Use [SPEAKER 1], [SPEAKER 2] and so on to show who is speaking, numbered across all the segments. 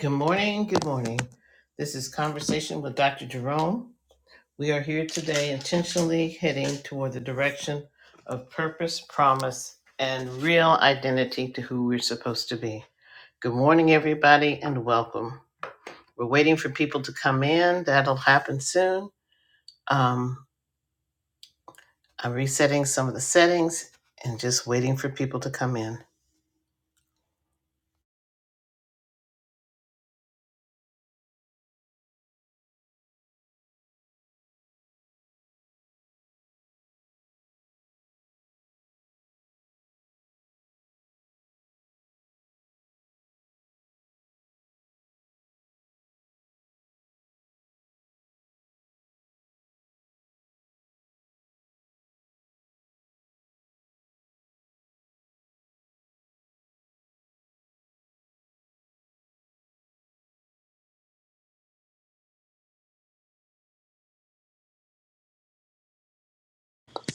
[SPEAKER 1] Good morning. Good morning. This is Conversation with Dr. Jerome. We are here today intentionally heading toward the direction of purpose, promise, and real identity to who we're supposed to be. Good morning, everybody, and welcome. We're waiting for people to come in. That'll happen soon. Um. I'm resetting some of the settings and just waiting for people to come in.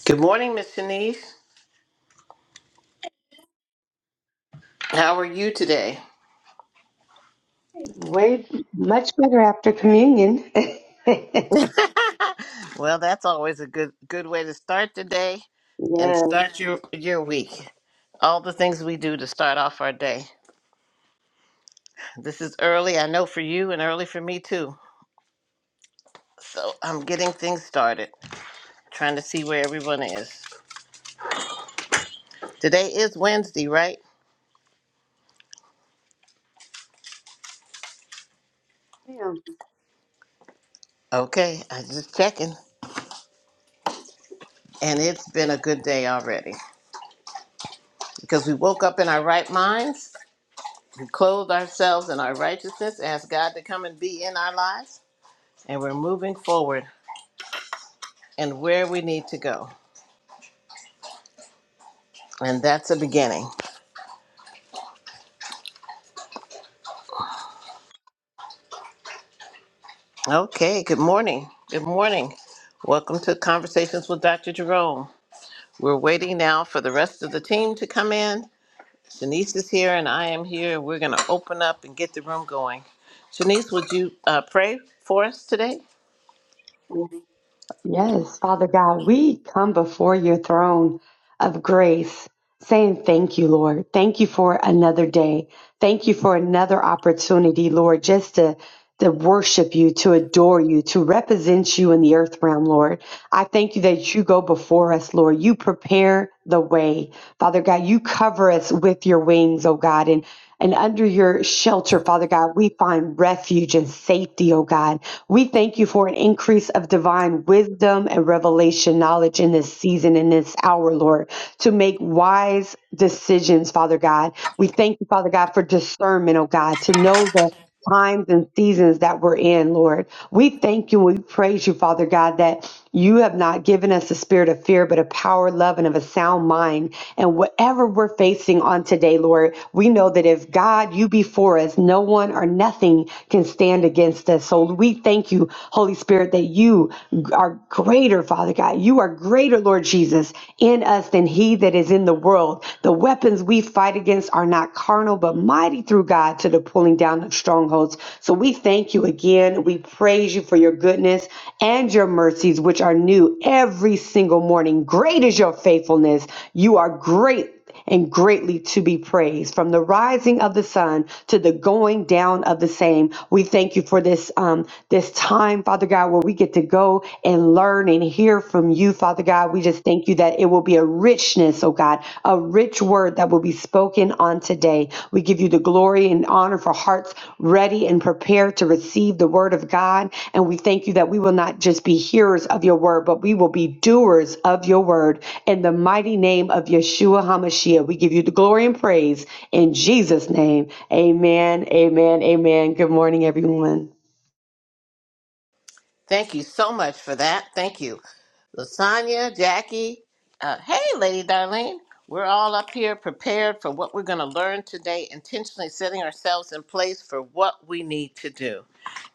[SPEAKER 1] Good morning, Miss Shanice. How are you today?
[SPEAKER 2] Way much better after communion.
[SPEAKER 1] well, that's always a good good way to start the day and
[SPEAKER 2] Yes.
[SPEAKER 1] start your your week. All the things we do to start off our day. This is early, I know for you, and early for me too. So I'm getting things started, trying to see where everyone is. Today is Wednesday, right?
[SPEAKER 2] Ma'am.
[SPEAKER 1] Okay, I just checking. And it's been a good day already because we woke up in our right minds, we clothed ourselves in our righteousness, asked God to come and be in our lives, and we're moving forward and where we need to go. And that's a beginning. Okay, good morning. Good morning. Welcome to Conversations with Dr. Jerome. We're waiting now for the rest of the team to come in. Shanice is here and I am here. We're going to open up and get the room going. Shanice, would you uh, pray for us today?
[SPEAKER 2] Yes, Father God, we come before your throne of grace saying thank you, Lord. Thank you for another day. Thank you for another opportunity, Lord, just to to worship you, to adore you, to represent you in the earth realm, Lord. I thank you that you go before us, Lord. You prepare the way. Father God, you cover us with your wings, oh God. and. And under your shelter, Father God, we find refuge and safety, oh God. We thank you for an increase of divine wisdom and revelation knowledge in this season, in this hour, Lord, to make wise decisions, Father God. We thank you, Father God, for discernment, oh God, to know the times and seasons that we're in, Lord. We thank you. We praise you, Father God, that you have not given us a spirit of fear, but of power, love, and of a sound mind. And whatever we're facing on today, Lord, we know that if God, you be for us, no one or nothing can stand against us. So we thank you, Holy Spirit, that you are greater, Father God. You are greater, Lord Jesus, in us than he enemy that is in the world. The weapons we fight against are not carnal, but mighty through God to the pulling down of strongholds. So we thank you again. We praise you for your goodness and your mercies, which are new every single morning. Great is your faithfulness. You are great and greatly to be praised. From the rising of the sun to the going down of the same, we thank you for this um, this time, Father God, where we get to go and learn and hear from you, Father God. We just thank you that it will be a richness, oh God, a rich word that will be be spoken on today. We give you the glory and honor for hearts ready and prepared to receive the word of God. And we thank you that we will not just be hearers of your word, but we will be doers of your word. In the mighty name of Yeshua HaMashiach, we give you the glory and praise in Jesus' name. Amen, amen, amen. Good morning, everyone.
[SPEAKER 1] Thank you so much for that. Thank you. Lasagna, Jackie. Uh, hey, Lady Darlene. We're all up here prepared for what we're going to learn today, intentionally setting ourselves in place for what we need to do.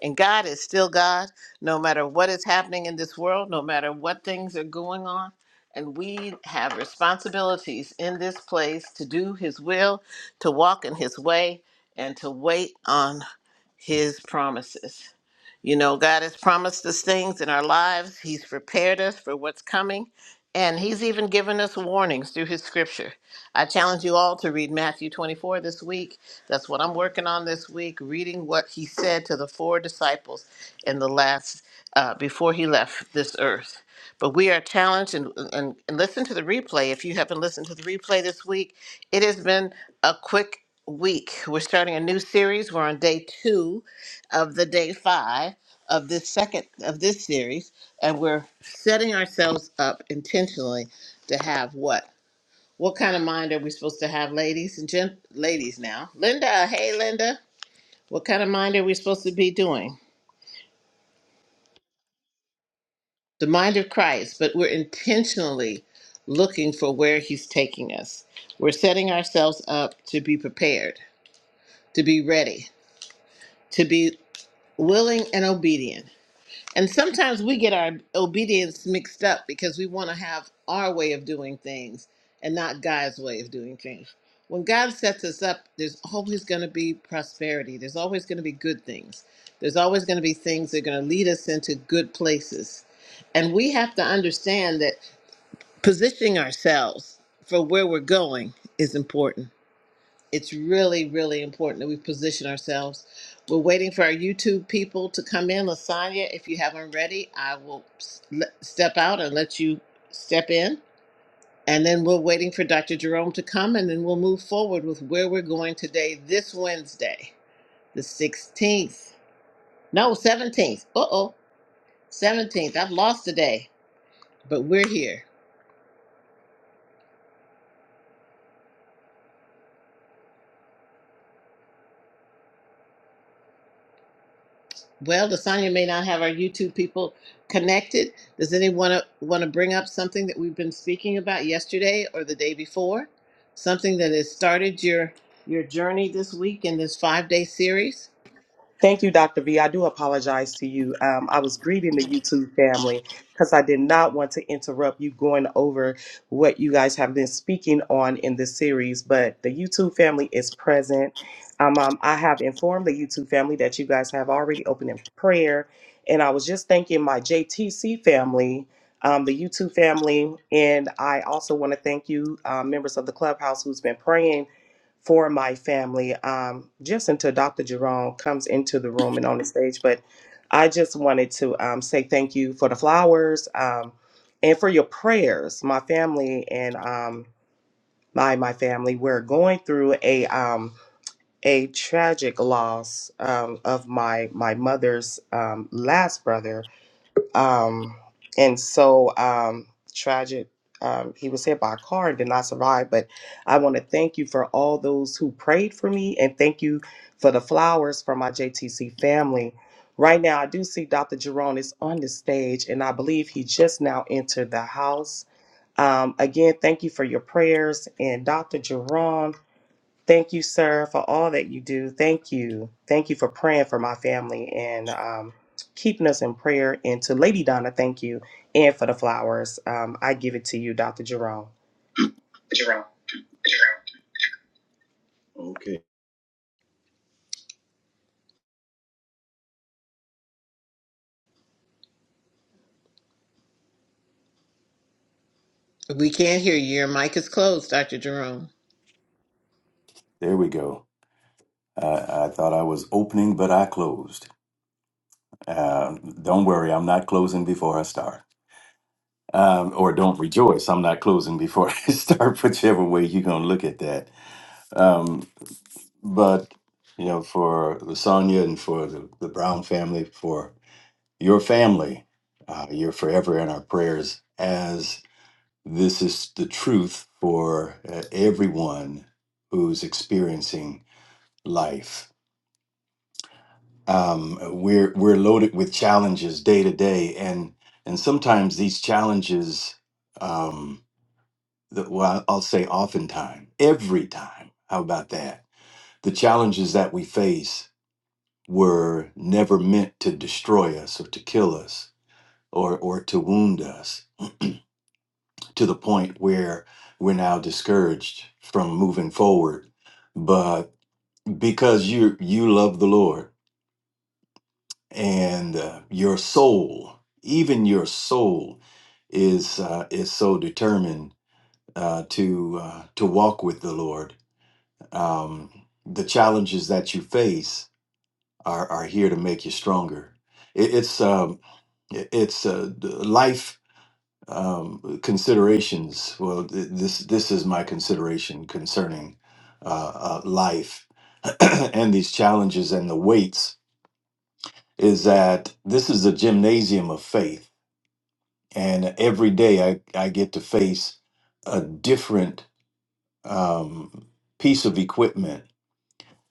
[SPEAKER 1] And God is still God, no matter what is happening in this world, no matter what things are going on. And we have responsibilities in this place to do His will, to walk in His way, and to wait on His promises. You know, God has promised us things in our lives. He's prepared us for what's coming, and He's even given us warnings through His scripture. I challenge you all to read Matthew 24 this week. That's what I'm working on this week, reading what He said to the four disciples in the last, uh, before He left this earth. But we are challenged, and, and, and listen to the replay. If you haven't listened to the replay this week, it has been a quick week. We're starting a new series. We're on day two of the day five of this second of this series and we're setting ourselves up intentionally to have what what kind of mind are we supposed to have ladies and gent ladies now linda hey linda what kind of mind are we supposed to be doing the mind of christ but we're intentionally looking for where he's taking us we're setting ourselves up to be prepared to be ready to be willing and obedient And sometimes we get our obedience mixed up because we want to have our way of doing things and not God's way of doing things. When God sets us up, there's always going to be prosperity. There's always going to be good things. There's always going to be things that are going to lead us into good places. And we have to understand that positioning ourselves for where we're going is important it's really, really important that we position ourselves. We're waiting for our YouTube people to come in. Lasagna, if you haven't ready, I will s- le- step out and let you step in. And then we're waiting for Dr. Jerome to come, and then we'll move forward with where we're going today, this Wednesday, the 16th. No, 17th. Uh oh, 17th. I've lost the day, but we're here. Well, Lasagna may not have our YouTube people connected. Does anyone want to bring up something that we've been speaking about yesterday or the day before? Something that has started your your journey this week in this five day series?
[SPEAKER 3] Thank you, Dr. V. I do apologize to you. Um, I was greeting the YouTube family because I did not want to interrupt you going over what you guys have been speaking on in this series, but the YouTube family is present. Um, um, I have informed the YouTube family that you guys have already opened in prayer. And I was just thanking my JTC family, um, the YouTube family. And I also want to thank you, uh, members of the clubhouse, who's been praying for my family um, just until Dr. Jerome comes into the room and on the stage. But I just wanted to um, say thank you for the flowers um, and for your prayers. My family and um, my my family we're going through a um, a tragic loss um, of my my mother's um, last brother um, and so um, tragic. Um, he was hit by a car and did not survive. But I want to thank you for all those who prayed for me, and thank you for the flowers from my JTC family. Right now, I do see Dr. Jerome is on the stage, and I believe he just now entered the house. Um, again, thank you for your prayers. And Dr. Jerome. Thank you, sir, for all that you do. Thank you. Thank you for praying for my family and um, keeping us in prayer. And to Lady Donna, thank you. And for the flowers, um, I give it to you, Dr. Jerome. Jerome. Okay.
[SPEAKER 1] We can't hear you. Your mic is closed, Dr. Jerome.
[SPEAKER 4] There we go. I, I thought I was opening, but I closed. Uh, don't worry, I'm not closing before I start. Um, or don't rejoice, I'm not closing before I start, whichever way you're going to look at that. Um, but, you know, for Lasagna and for the, the Brown family, for your family, uh, you're forever in our prayers as this is the truth for uh, everyone who's experiencing life um, we're we're loaded with challenges day to day, and and sometimes these challenges, um, the, well, I'll say oftentimes, every time. How about that? The challenges that we face were never meant to destroy us or to kill us or or to wound us to the point where we're now discouraged from moving forward. But because you you love the Lord and uh, your soul, even your soul, is uh, is so determined uh, to uh, to walk with the Lord. Um, the challenges that you face are are here to make you stronger. It, it's um, it- it's uh, d- life um, considerations. Well, th- this this is my consideration concerning uh, uh, life and these challenges and the weights. Is that this is a gymnasium of faith and every day I, I get to face a different um, piece of equipment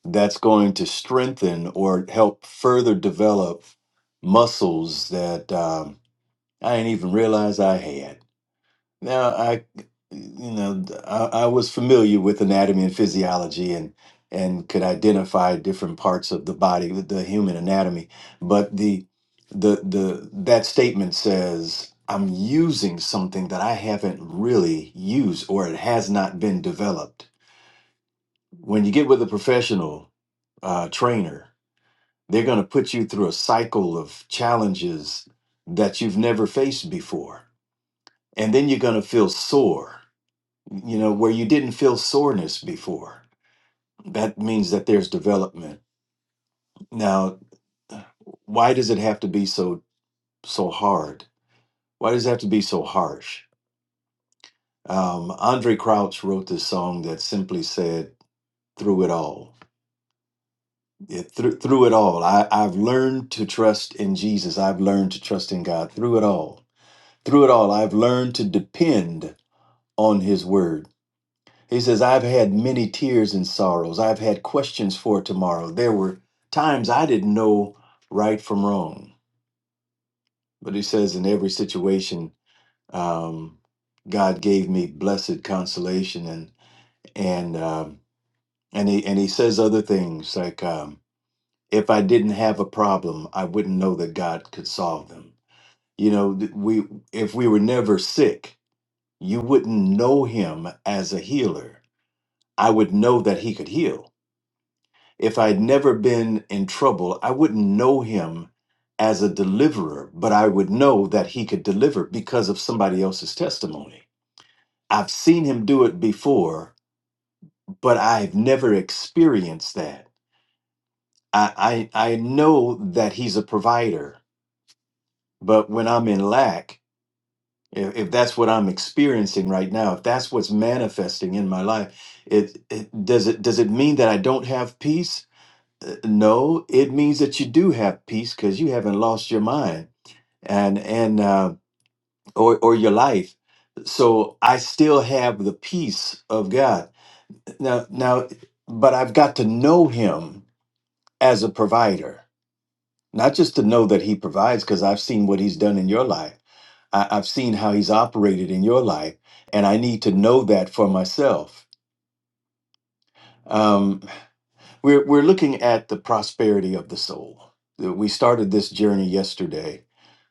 [SPEAKER 4] that's going to strengthen or help further develop muscles that um, I didn't even realize I had. Now, I, you know, I, I was familiar with anatomy and physiology and and could identify different parts of the body, with the human anatomy. But the the the that statement says I'm using something that I haven't really used or it has not been developed. When you get with a professional uh, trainer, they're going to put you through a cycle of challenges that you've never faced before, and then you're going to feel sore you know, where you didn't feel soreness before. That means that there's development. Now, why does it have to be so so hard? Why does it have to be so harsh? Um, Andre Crouch wrote this song that simply said, "Through it all, it, through through it all, I, I've learned to trust in Jesus. I've learned to trust in God. Through it all, through it all, I've learned to depend on His word." He says, I've had many tears and sorrows. I've had questions for tomorrow. There were times I didn't know right from wrong. But he says, in every situation, um, God gave me blessed consolation. And, and, um, and, he, and he says other things like, um, if I didn't have a problem, I wouldn't know that God could solve them. You know, th- we, if we were never sick, you wouldn't know him as a healer. I would know that he could heal If I would never been in trouble, I wouldn't know him as a deliverer, but I would know that he could deliver because of somebody else's testimony. I've seen him do it before, but I've never experienced that. I, I, I know that he's a provider, but when I'm in lack, if, if that's what I'm experiencing right now, if that's what's manifesting in my life, it, it does it does it mean that I don't have peace? Uh, no it means that you do have peace because you haven't lost your mind and and uh, or or your life so i still have the peace of god now now but i've got to know him as a provider not just to know that he provides because i've seen what he's done in your life I, i've seen how he's operated in your life and i need to know that for myself um, we're, we're looking at the prosperity of the soul we started this journey yesterday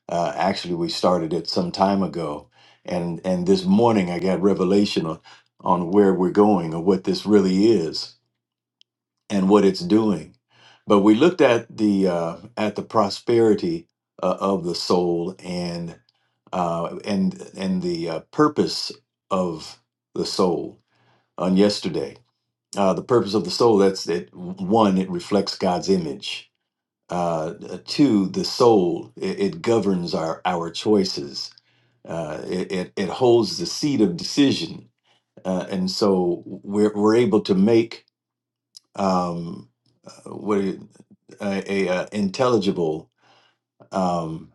[SPEAKER 4] Uh, actually, we started it some time ago, and and this morning I got revelation on, on where we're going or what this really is and what it's doing. But we looked at the uh, at the prosperity uh, of the soul and uh, and and the uh, purpose of the soul on yesterday. Uh, the purpose of the soul that's it. One, it reflects God's image uh, two, the soul, it, it governs our, our choices uh, it, it it holds the seat of decision, uh, and so we're we're able to make um, uh, what it- a, a, uh intelligible um,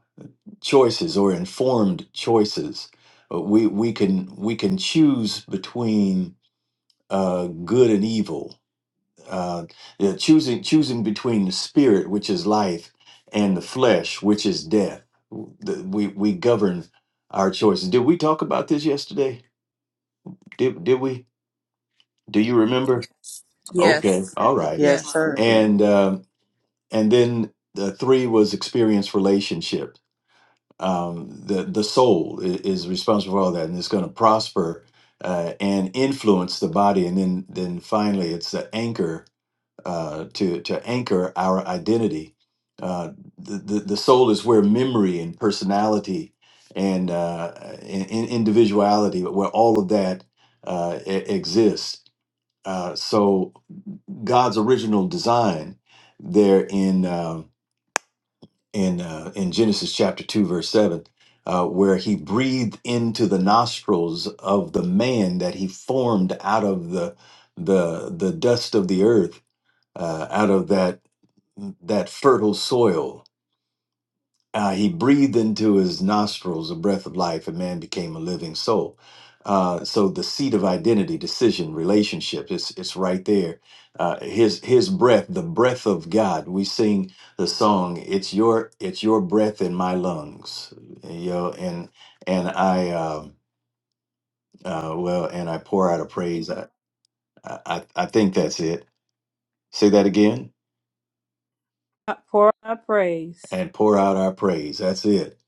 [SPEAKER 4] choices or informed choices. Uh, We we can we can choose between uh, good and evil, uh, yeah, choosing choosing between the spirit, which is life, and the flesh, which is death. W- the- We we govern our choices. Did we talk about this yesterday? Did did we? Do you remember? Okay,
[SPEAKER 5] Yes.
[SPEAKER 4] all right.
[SPEAKER 3] Yes,
[SPEAKER 5] Yes.
[SPEAKER 3] sir. Okay.
[SPEAKER 4] And um, and then the three was experience relationship. Um, the the soul is, is responsible for all that, and it's going to prosper uh, and influence the body. And then then finally, it's the anchor uh, to to anchor our identity. Uh, the, the the soul is where memory and personality and uh, and, and individuality, where all of that uh, e- exists Uh, so God's original design there in uh, in uh, in Genesis chapter two verse seven, uh, where He breathed into the nostrils of the man that He formed out of the the the dust of the earth, uh, out of that that fertile soil Uh, he breathed into his nostrils a breath of life, and man became a living soul. Uh, so the seat of identity, decision, relationship, it's it's right there. Uh, his his breath, the breath of God. We sing the song, "It's your it's your breath in my lungs," you know, and and I uh, uh, well, and I pour out a praise. I, I I think that's it. Say that again,
[SPEAKER 6] Pour out my praise.
[SPEAKER 4] and pour out our praise. That's it.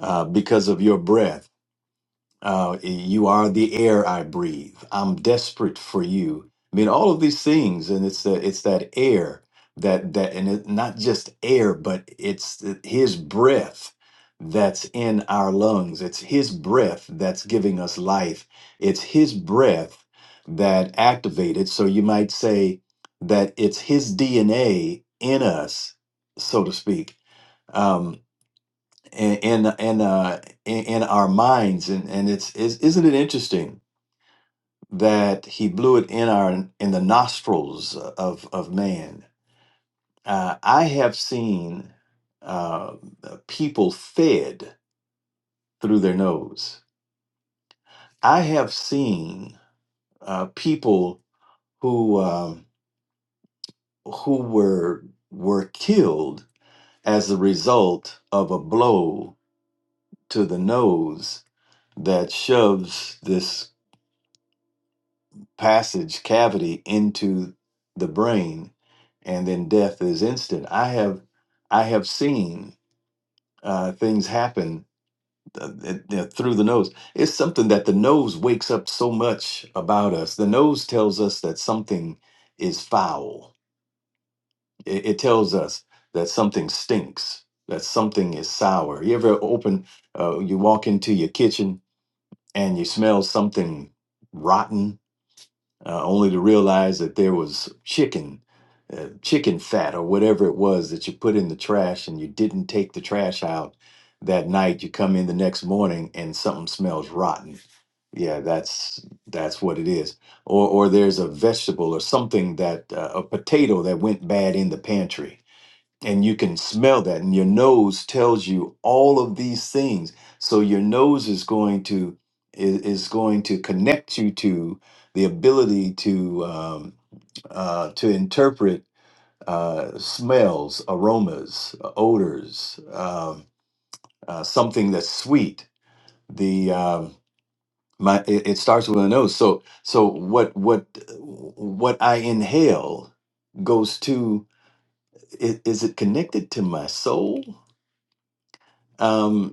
[SPEAKER 4] Uh, because of your breath. Uh, you are the air I breathe. I'm desperate for you. I mean, all of these things, and it's the, it's that air that that, and it, not just air, but it's th- His breath that's in our lungs. It's His breath that's giving us life. It's His breath that activated. So you might say that it's His DNA in us, so to speak. Um, in in in, uh, in, in our minds, and and it's is, isn't it interesting that he blew it in our in the nostrils of of man? Uh, I have seen uh, people fed through their nose. I have seen uh, people who um, who were were killed as a result of a blow to the nose that shoves this passage cavity into the brain and then death is instant i have i have seen uh, things happen uh, th- th- through the nose it's something that the nose wakes up so much about us the nose tells us that something is foul it, it tells us that something stinks that something is sour you ever open uh, you walk into your kitchen and you smell something rotten uh, only to realize that there was chicken, uh, chicken fat, or whatever it was that you put in the trash and you didn't take the trash out that night. You come in the next morning and something smells rotten. Yeah, that's that's what it is. Or or there's a vegetable or something that uh, a potato that went bad in the pantry and you can smell that and your nose tells you all of these things so your nose is going to is, is going to connect you to the ability to um, uh, to interpret uh, smells aromas odors um, uh, something that's sweet the um, my it, it starts with a nose so so what what what i inhale goes to i- is it connected to my soul um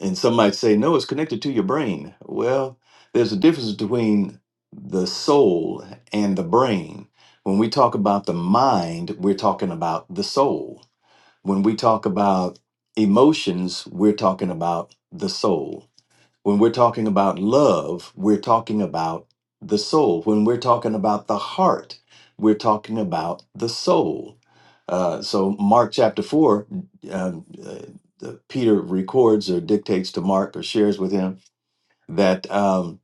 [SPEAKER 4] And some might say, no, it's connected to your brain. Well, there's a difference between the soul and the brain. When we talk about the mind, we're talking about the soul. When we talk about emotions, we're talking about the soul. When we're talking about love, we're talking about the soul. When we're talking about the heart, we're talking about the soul. Uh, so, Mark chapter 4, um, uh, uh, Peter records or dictates to Mark or shares with him that um,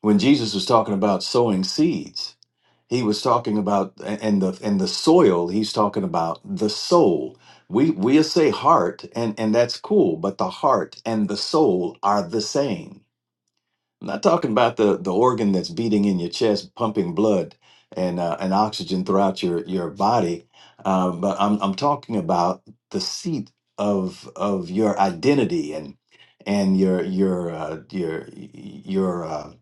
[SPEAKER 4] when Jesus was talking about sowing seeds, he was talking about and the and the soil he's talking about the soul we we say heart and and that's cool but the heart and the soul are the same I'm not talking about the the organ that's beating in your chest, pumping blood and uh, and oxygen throughout your your body, uh, but I'm I'm talking about the seat of of your identity and and your your uh, your your uh,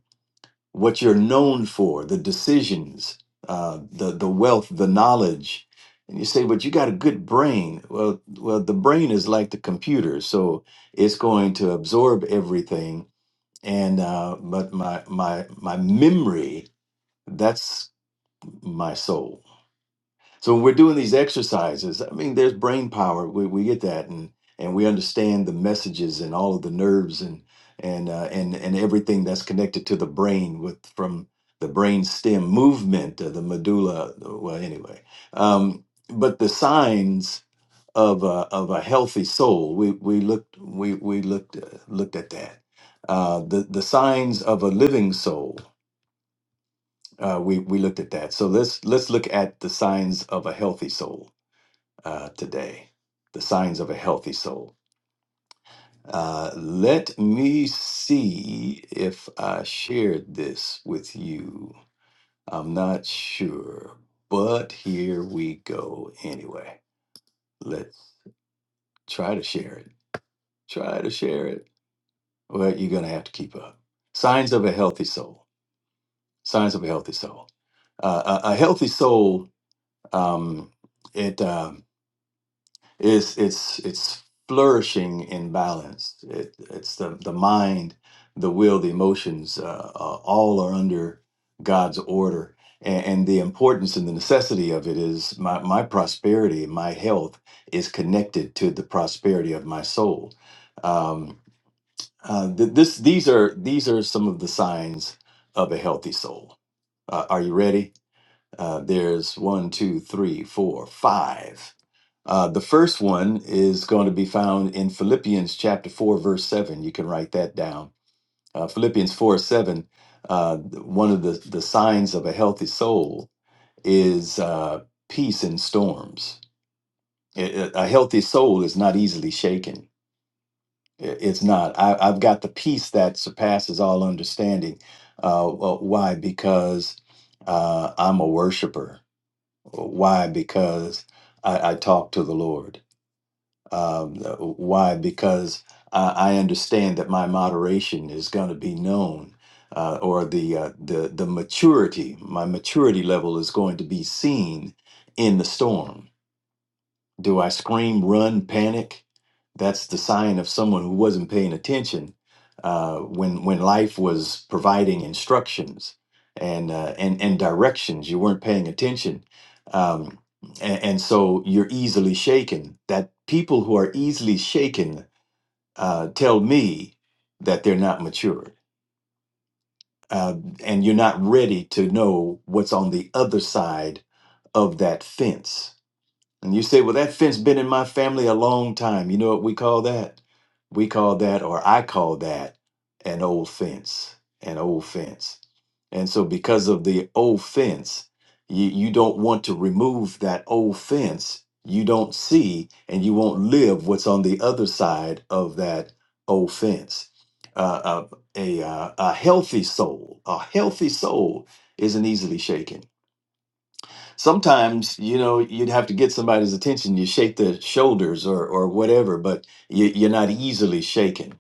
[SPEAKER 4] what you're known for, the decisions, uh, the the wealth, the knowledge. And you say, but you got a good brain. Well, well, the brain is like the computer, so it's going to absorb everything and uh, but my my my memory that's my soul. So when we're doing these exercises, I mean, there's brain power. We we get that, and and we understand the messages and all of the nerves and and uh, and and everything that's connected to the brain with from the brain stem movement, uh, the medulla. Well, anyway, um, but the signs of a of a healthy soul. We we looked we we looked uh, looked at that. Uh, the the signs of a living soul. Uh, we we looked at that. So let's let's look at the signs of a healthy soul uh, today. The signs of a healthy soul. Uh, let me see if I shared this with you. I'm not sure, but here we go anyway. Let's try to share it. Try to share it. Well, you're going to have to keep up. Signs of a healthy soul. Signs of a healthy soul. Uh, a, a healthy soul. Um, it um, is. It's. It's flourishing in balance. It, it's the the mind, the will, the emotions. Uh, uh, all are under God's order, and, and the importance and the necessity of it is my my prosperity, my health is connected to the prosperity of my soul. Um, Uh, th- this these are these are some of the signs of a healthy soul. Uh, are you ready? Uh, there's one, two, three, four, five. Uh, the first one is going to be found in Philippians chapter four, verse seven. You can write that down. Uh, Philippians four seven. Uh, one of the the signs of a healthy soul is uh, peace in storms. A a- a healthy soul is not easily shaken I- It's not. I, I've got the peace that surpasses all understanding. Uh, well, why? Because uh, I'm a worshiper. Why? Because I, I talk to the Lord. Um, why? Because I, I understand that my moderation is going to be known, uh, or the uh, the the maturity, my maturity level is going to be seen in the storm do I scream, run, panic? That's the sign of someone who wasn't paying attention uh, when when life was providing instructions and uh, and and directions. You weren't paying attention, um, and, and so you're easily shaken. That people who are easily shaken uh, tell me that they're not matured, uh, and you're not ready to know what's on the other side of that fence and you say, well, that fence been in my family a long time. You know what we call that? We call that, or I call that, an old fence, an old fence. And so, because of the old fence, you, you don't want to remove that old fence. You don't see and you won't live what's on the other side of that old fence. Uh, a, a, uh, a healthy soul, a healthy soul isn't easily shaken sometimes you know you'd have to get somebody's attention you shake their shoulders or or whatever but you, you're not easily shaken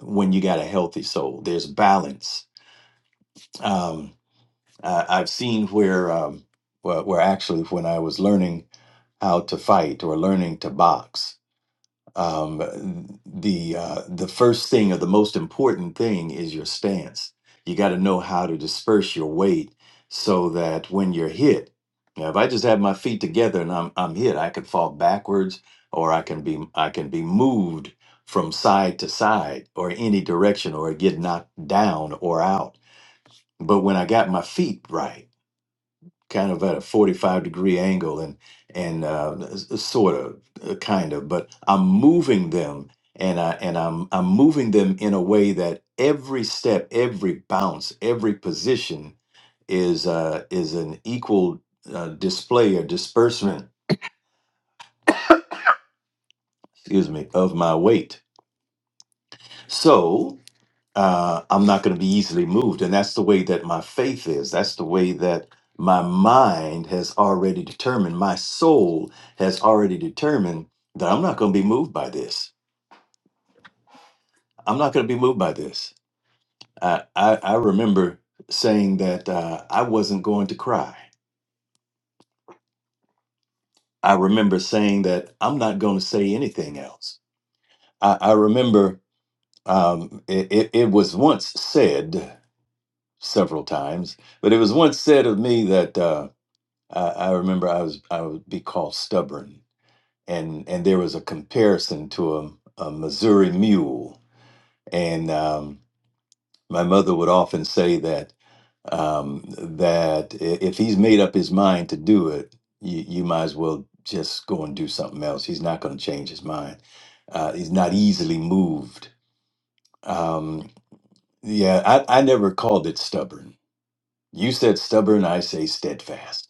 [SPEAKER 4] when you got a healthy soul there's balance um I, i've seen where um where, where actually when i was learning how to fight or learning to box um, the uh, the first thing or the most important thing is your stance. You got to know how to disperse your weight so that when you're hit, now if I just have my feet together and I'm I'm hit, I could fall backwards or I can be I can be moved from side to side or any direction or get knocked down or out. But when I got my feet right kind of at a 45 degree angle and and uh, s- s- sort of uh, kind of but i'm moving them and i and i'm i'm moving them in a way that every step every bounce every position is uh is an equal uh, display or disbursement excuse me of my weight so uh, I'm not going to be easily moved. And that's the way that my faith is. That's the way that my mind has already determined, my soul has already determined that I'm not going to be moved by this. I'm not going to be moved by this. I, I, I remember saying that uh, I wasn't going to cry. I remember saying that I'm not going to say anything else. I, I remember um, it, it, it was once said several times, but it was once said of me that. Uh, I, I remember I was I would be called stubborn, and and there was a comparison to a, a Missouri mule, and um, my mother would often say that um, that i- if he's made up his mind to do it, you, you might as well just go and do something else. He's not going to change his mind. Uh, he's not easily moved. Um, yeah, I, I never called it stubborn. You said stubborn, I say steadfast,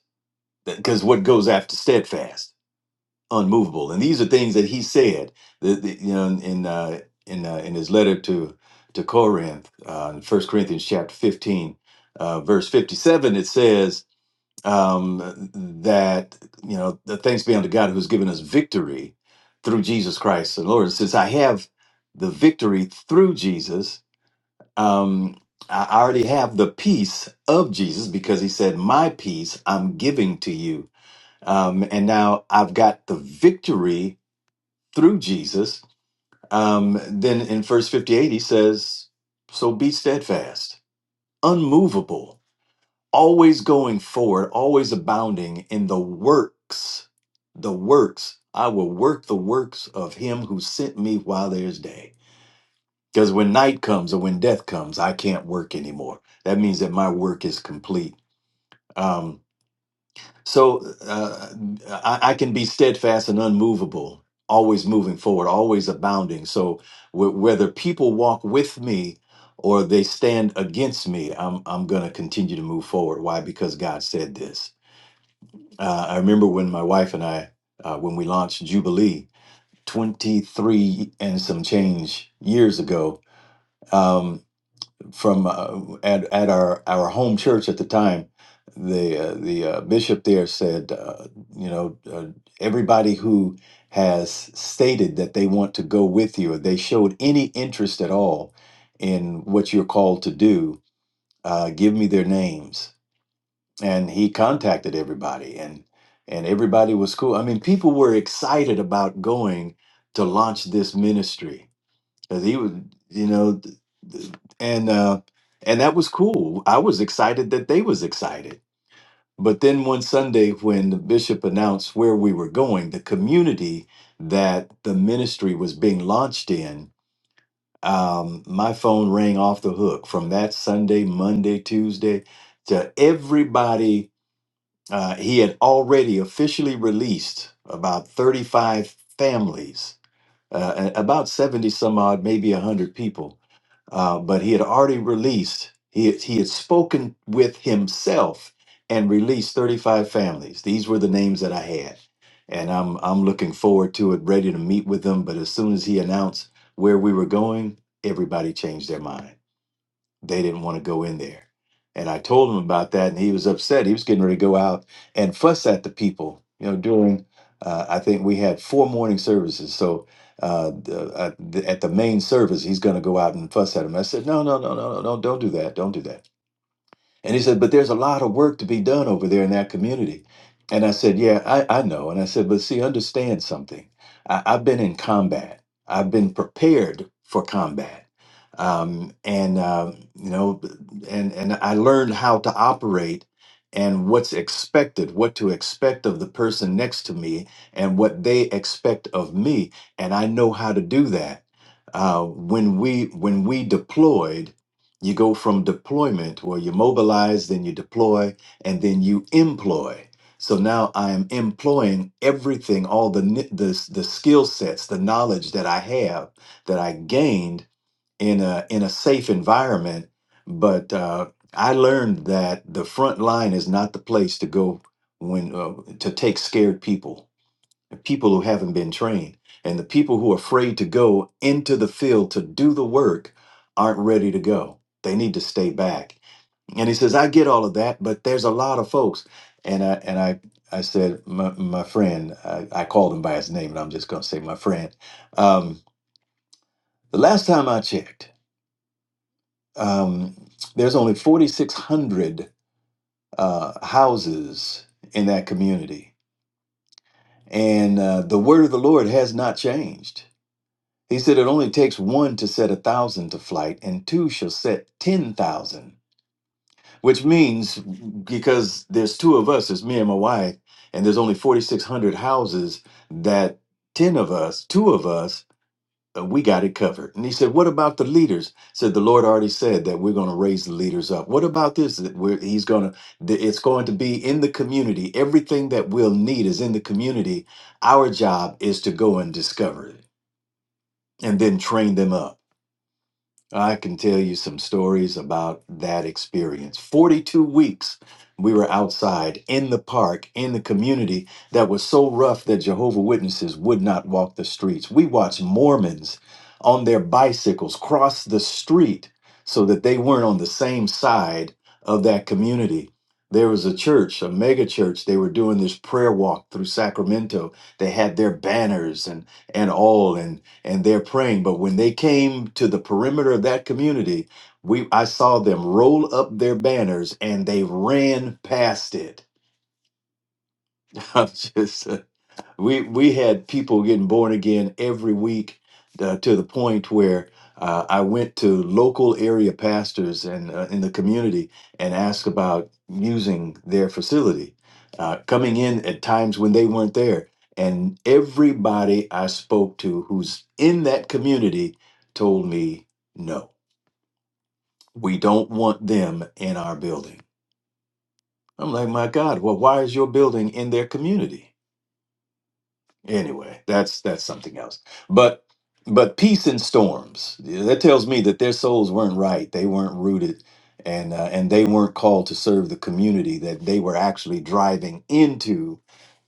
[SPEAKER 4] because what goes after steadfast? unmovable. And these are things that he said, the, the, you know, in in, uh, in, uh, in his letter to to Corinth, uh, in First Corinthians chapter fifteen, uh, verse fifty-seven. It says um, that you know, the thanks be unto God who has given us victory through Jesus Christ the Lord. It says, I have the victory through Jesus. Um, I I already have the peace of Jesus because he said, My peace I'm giving to you. Um, and now I've got the victory through Jesus. Um, then in verse 58, he says, So be steadfast, unmovable, always going forward, always abounding in the works, the works. I will work the works of him who sent me while there's day. Because when night comes or when death comes, I can't work anymore. That means that my work is complete. Um, So uh, I, I can be steadfast and unmovable, always moving forward, always abounding. So w- whether people walk with me or they stand against me, I'm I'm going to continue to move forward. Why? Because God said this. Uh, I remember when my wife and I, uh, when we launched Jubilee, 23 and some change years ago. um, from uh, at at our our home church at the time. The uh, the uh, bishop there said, uh, you know, uh, everybody who has stated that they want to go with you, or they showed any interest at all in what you're called to do, uh, give me their names. And he contacted everybody, and and everybody was cool. I mean, people were excited about going to launch this ministry because he was, you know, th- th- and uh, and that was cool. I was excited that they was excited. But then one Sunday, when the bishop announced where we were going, the community that the ministry was being launched in, um, my phone rang off the hook from that Sunday, Monday, Tuesday, to everybody. Uh, he had already officially released about 35 families, uh, a- about 70 some odd, maybe 100 people uh, but he had already released, he had, he had spoken with himself and released 35 families. These were the names that I had. And I'm, I'm looking forward to it, ready to meet with them. But as soon as he announced where we were going, everybody changed their mind they didn't want to go in there. And I told him about that, and he was upset. He was getting ready to go out and fuss at the people. You know, during uh, I think we had four morning services, so uh, the, uh, the, at the main service, he's going to go out and fuss at him. I said, no, no, no, no, no, no, don't do that, don't do that and he said, But there's a lot of work to be done over there in that community. And I said, Yeah, I, I know. And I said, But see, understand something. I, I've been in combat, I've been prepared for combat. Um, and, um, you know, and, and I learned how to operate and what's expected, what to expect of the person next to me and what they expect of me. And I know how to do that. Uh, when we when we deployed you go from deployment where you mobilize, then you deploy, and then you employ. So now I am employing everything, all the ni- the, s- the skill sets, the knowledge that I have that I gained in a in a safe environment. But uh, I learned that the front line is not the place to go when uh, to take scared people the people who haven't been trained and the people who are afraid to go into the field to do the work aren't ready to go they need to stay back and he says i get all of that but there's a lot of folks and i and i i said my, my friend I, I called him by his name and i'm just going to say my friend um, the last time i checked um, there's only 4600 uh, houses in that community and uh, the word of the lord has not changed He said, It only takes one to set a thousand to flight, and two shall set 10,000, which means because there's two of us, it's me and my wife, and there's only 4,600 houses, that 10 of us, two of us, uh, we got it covered. And he said, What about the leaders? Said the Lord already said that we're going to raise the leaders up. What about this? That we're, he's going to, it's going to be in the community. Everything that we'll need is in the community. Our job is to go and discover it and then train them up. I can tell you some stories about that experience. 42 weeks we were outside in the park, in the community that was so rough that Jehovah Witnesses would not walk the streets. We watched Mormons on their bicycles cross the street so that they weren't on the same side of that community. There was a church, a mega church. They were doing this prayer walk through Sacramento. They had their banners and and all. and and they're praying. But when they came to the perimeter of that community, we I saw them roll up their banners and they ran past it. I'm just we we had people getting born again every week uh, to the point where uh, I went to local area pastors and uh, in the community and asked about using their facility, uh, coming in at times when they weren't there, and everybody I spoke to who's in that community told me no, we don't want them in our building. I'm like, my God, well, why is your building in their community? anyway that's that's something else but but peace in storms Yeah, that tells me that their souls weren't right they weren't rooted and uh, and they weren't called to serve the community that they were actually driving into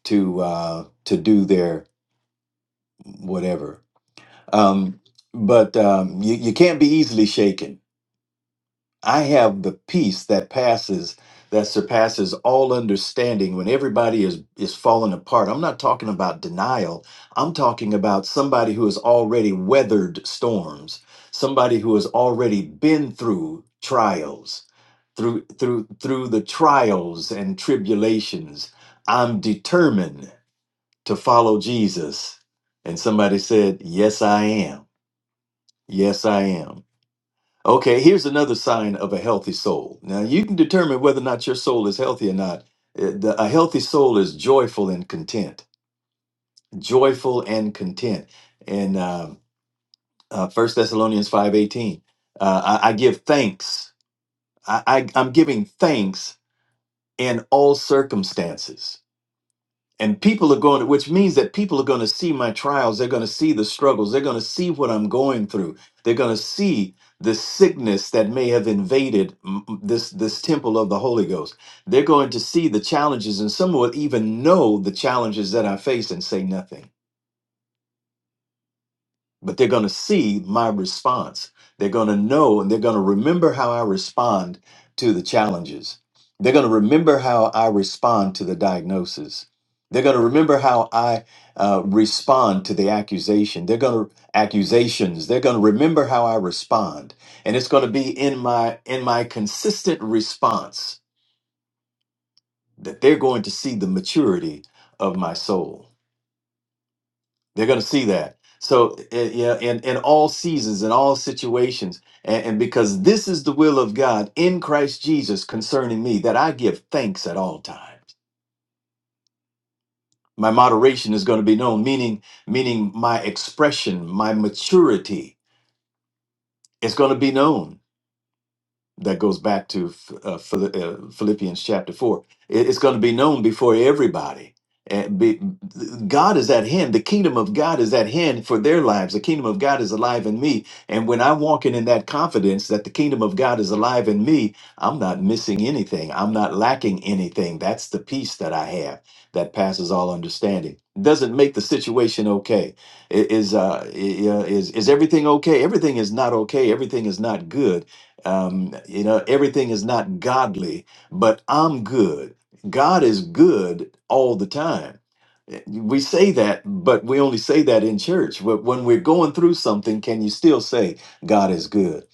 [SPEAKER 4] to uh to do their whatever um but um you, you can't be easily shaken I have the peace that passes that surpasses all understanding when everybody is is falling apart. I'm not talking about denial. I'm talking about somebody who has already weathered storms, somebody who has already been through trials. Through through through the trials and tribulations, I'm determined to follow Jesus. And somebody said, "Yes, I am. Yes, I am." Okay, here's another sign of a healthy soul. Now, you can determine whether or not your soul is healthy or not. Uh, the- A healthy soul is joyful and content, joyful and content. In um, uh, 1 Thessalonians 5.18, uh, I, I give thanks. I, I, I'm giving thanks in all circumstances. and people are going to which means that people are going to see my trials they're going to see the struggles they're going to see what i'm going through they're going to see the sickness that may have invaded mm, mm, this this temple of the holy ghost they're going to see the challenges and some will even know the challenges that i face and say nothing but they're going to see my response. They're going to know and they're going to remember how I respond to the challenges. They're going to remember how I respond to the diagnosis. They're going to remember how I uh, respond to the accusation. They're going to accusations. They're going to remember how I respond, and it's going to be in my in my consistent response that they're going to see the maturity of my soul. They're going to see that. So, eh, yeah, in, in all seasons, in all situations, and, and because this is the will of God in Christ Jesus concerning me, that I give thanks at all times. My moderation is going to be known, meaning, meaning my expression, my maturity is going to be known that goes back to Ph- uh, Phil- uh, Philippians chapter 4. It- It's going to be known before everybody. And be, God is at hand. The kingdom of God is at hand for their lives. The kingdom of God is alive in me. And when I'm walking in that confidence that the kingdom of God is alive in me, I'm not missing anything. I'm not lacking anything. That's the peace that I have that passes all understanding. Doesn't make the situation okay. I- Is uh i- uh, is is everything okay? Everything is not okay. Everything is not good um, you know, everything is not godly, but I'm good. God is good all the time. We say that, but we only say that in church. But when we're going through something, can you still say, God is good?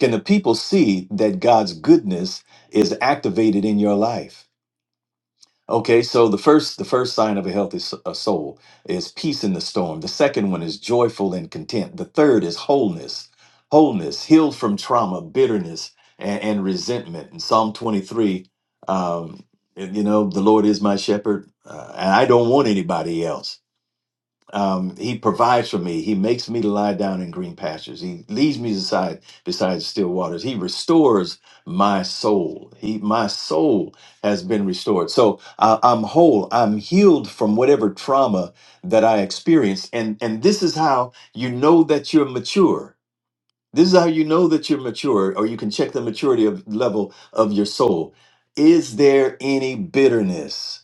[SPEAKER 4] Can the people see that God's goodness is activated in your life? Okay, so the first the first sign of a healthy s- a soul is peace in the storm. The second one is joyful and content. The third is wholeness, wholeness, healed from trauma, bitterness, and, and resentment. In Psalm 23, um, you know, the Lord is my shepherd, uh, and I don't want anybody else. Um, he provides for me. He makes me to lie down in green pastures. He leads me beside beside still waters. He restores my soul. He my soul has been restored. So I, I'm whole. I'm healed from whatever trauma that I experienced. And and this is how you know that you're mature. This is how you know that you're mature, or you can check the maturity of level of your soul. Is there any bitterness?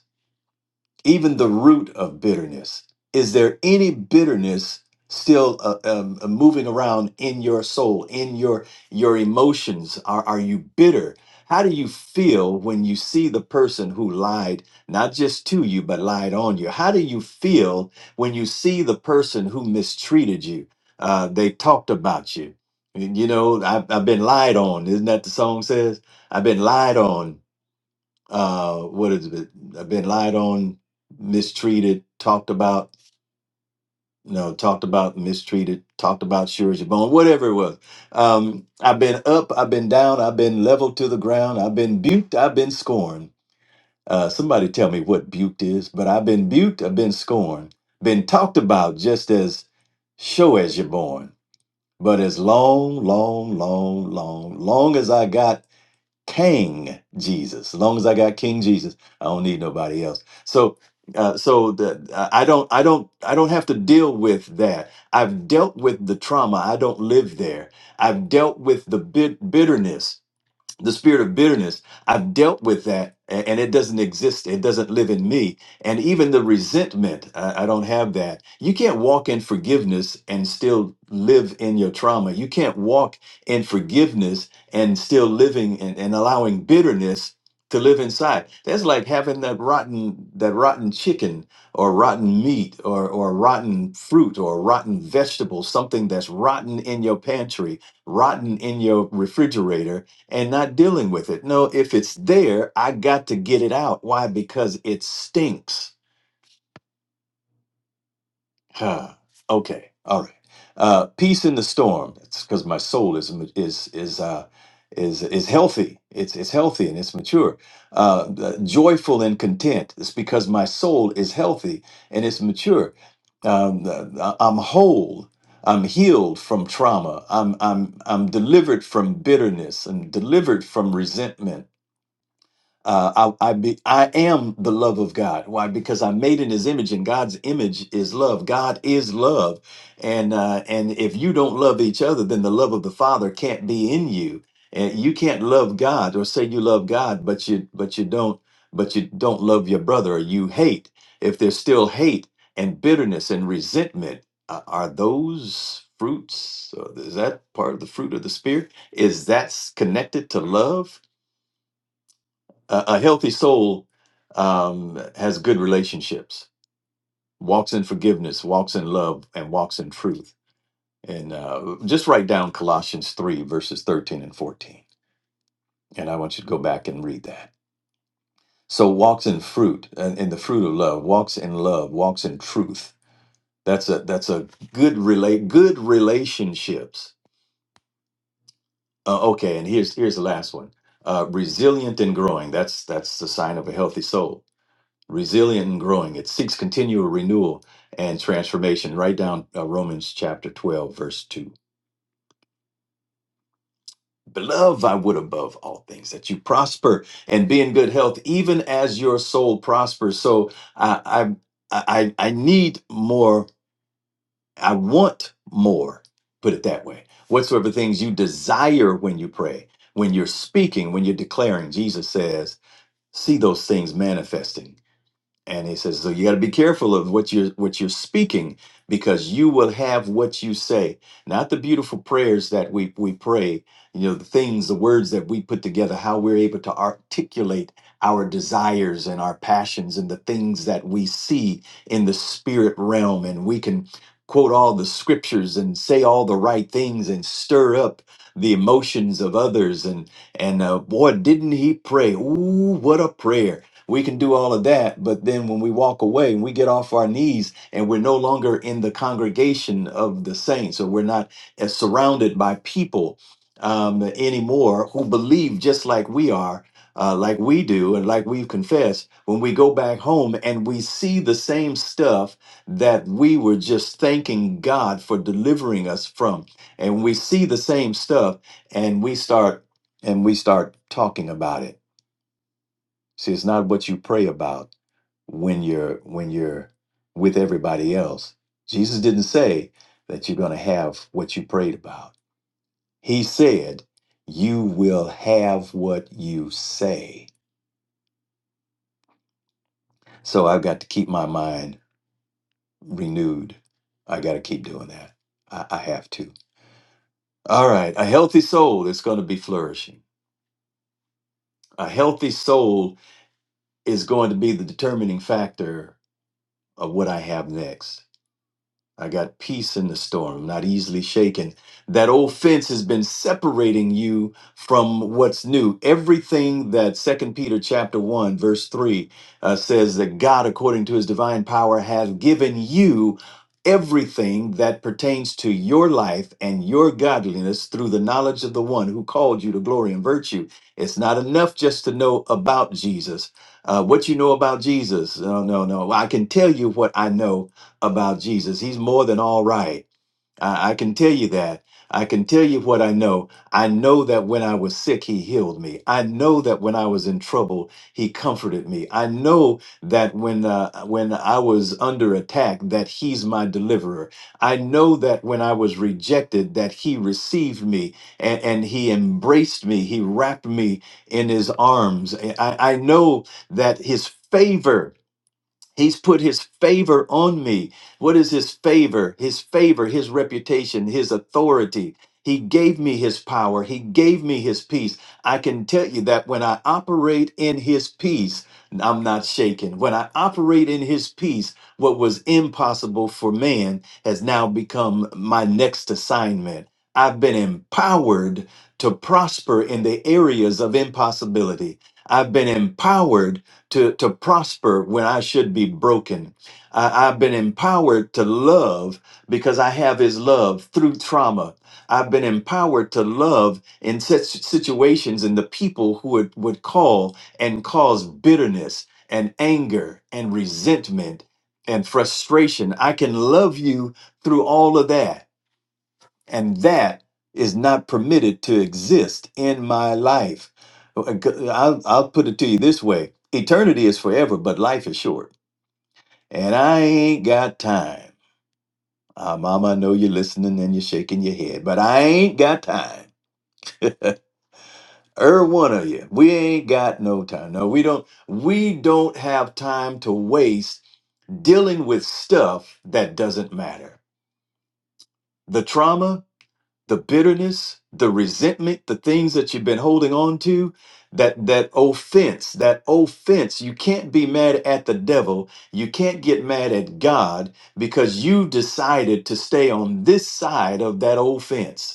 [SPEAKER 4] even the root of bitterness. Is there any bitterness still uh, um, uh, moving around in your soul, in your your emotions? Are are you bitter? How do you feel when you see the person who lied, not just to you, but lied on you? How do you feel when you see the person who mistreated you? Uh, they talked about you. You know, I've, I've been lied on. Isn't that the song says? I've been lied on uh, what is it? I've been lied on, mistreated, talked about, you know, talked about, mistreated, talked about, sure as your bone, whatever it was. Um, I've been up, I've been down, I've been leveled to the ground, I've been buked, I've been scorned. Uh, somebody tell me what buked is, but I've been buked, I've been scorned, been talked about just as sure as you're born. But as long, long, long, long, long as I got King Jesus. As long as I got King Jesus, I don't need nobody else. So, uh, so the, uh, I don't, I don't, I don't have to deal with that. I've dealt with the trauma. I don't live there. I've dealt with the bit bitterness the spirit of bitterness i've dealt with that a- and it doesn't exist it doesn't live in me and even the resentment I, I don't have that you can't walk in forgiveness and still live in your trauma you can't walk in forgiveness and still living and, and allowing bitterness to live inside that's like having that rotten that rotten chicken or rotten meat or or rotten fruit or rotten vegetable something that's rotten in your pantry rotten in your refrigerator and not dealing with it. No, if it's there, I got to get it out. Why? Because it stinks. Huh. Okay. All right. Uh, peace in the storm. It's because my soul is is is uh, is is healthy. It's it's healthy and it's mature. Uh, the- joyful and content. It's because my soul is healthy and it's mature. Um, the- I'm whole. I'm healed from trauma. I'm I'm I'm delivered from bitterness. I'm delivered from resentment. Uh, I I, be, I am the love of God. Why? Because I'm made in His image, and God's image is love. God is love, and uh, and if you don't love each other, then the love of the Father can't be in you, and you can't love God or say you love God, but you but you don't but you don't love your brother, or you hate. If there's still hate and bitterness and resentment, uh, are those fruits? Or is that part of the fruit of the spirit? Is that s- connected to love? A, a healthy soul um, has good relationships, walks in forgiveness, walks in love, and walks in truth. And uh, just write down Colossians 3, verses 13 and 14. And I want you to go back and read that. So walks in fruit, and in the fruit of love, walks in love, walks in truth. That's a that's a good relate good relationships. Uh, okay, and here's here's the last one. Uh, resilient and growing. That's that's the sign of a healthy soul resilient and growing. It seeks continual renewal and transformation. Write down uh, Romans chapter 12, verse 2. Beloved, I would above all things that you prosper and be in good health, even as your soul prospers. So I, I, I, I need more. I want more. Put it that way. Whatsoever things you desire when you pray, when you're speaking, when you're declaring, Jesus says, see those things manifesting and he says so you got to be careful of what you're what you're speaking because you will have what you say not the beautiful prayers that we we pray you know the things the words that we put together how we're able to articulate our desires and our passions and the things that we see in the spirit realm and we can quote all the scriptures and say all the right things and stir up the emotions of others and and uh, boy didn't he pray ooh what a prayer we can do all of that, but then when we walk away and we get off our knees and we're no longer in the congregation of the saints, or we're not as surrounded by people um, anymore who believe just like we are, uh, like we do, and like we've confessed, when we go back home and we see the same stuff that we were just thanking God for delivering us from, and we see the same stuff and we start and we start talking about it. See, it's not what you pray about when you're when you're with everybody else. Jesus didn't say that you're going to have what you prayed about. He said, "You will have what you say." So I've got to keep my mind renewed. I got to keep doing that. I, I have to. All right, a healthy soul is going to be flourishing. A healthy soul is going to be the determining factor of what I have next I got peace in the storm, not easily shaken. That old fence has been separating you from what's new. Everything that Second Peter chapter 1 verse 3 uh, says that God according to his divine power has given you everything that pertains to your life and your godliness through the knowledge of the one who called you to glory and virtue. It's not enough just to know about Jesus. Uh, what you know about Jesus? No, no, no. I can tell you what I know about Jesus. He's more than all right. I, I can tell you that. I can tell you what I know. I know that when I was sick, he healed me. I know that when I was in trouble, he comforted me. I know that when uh, when I was under attack, that he's my deliverer. I know that when I was rejected, that he received me and, and he embraced me. He wrapped me in his arms. I, I know that his favor He's put his favor on me. What is his favor? His favor, his reputation, his authority. He gave me his power. He gave me his peace. I can tell you that when I operate in his peace, I'm not shaken. When I operate in his peace, what was impossible for man has now become my next assignment. I've been empowered to prosper in the areas of impossibility. I've been empowered to, to prosper when I should be broken. I, I've been empowered to love because I have his love through trauma. I've been empowered to love in such situations and the people who would, would call and cause bitterness and anger and resentment and frustration. I can love you through all of that and that is not permitted to exist in my life. I'll, I'll put it to you this way eternity is forever, but life is short, and I ain't got time. Ah, Mama, I know you're listening and you're shaking your head, but I ain't got time. Er, one of you, we ain't got no time. No, we don't. We don't have time to waste dealing with stuff that doesn't matter. The trauma, the bitterness, the resentment, the things that you've been holding on to, that that offense, that offense, you can't be mad at the devil, you can't get mad at God because you decided to stay on this side of that offense.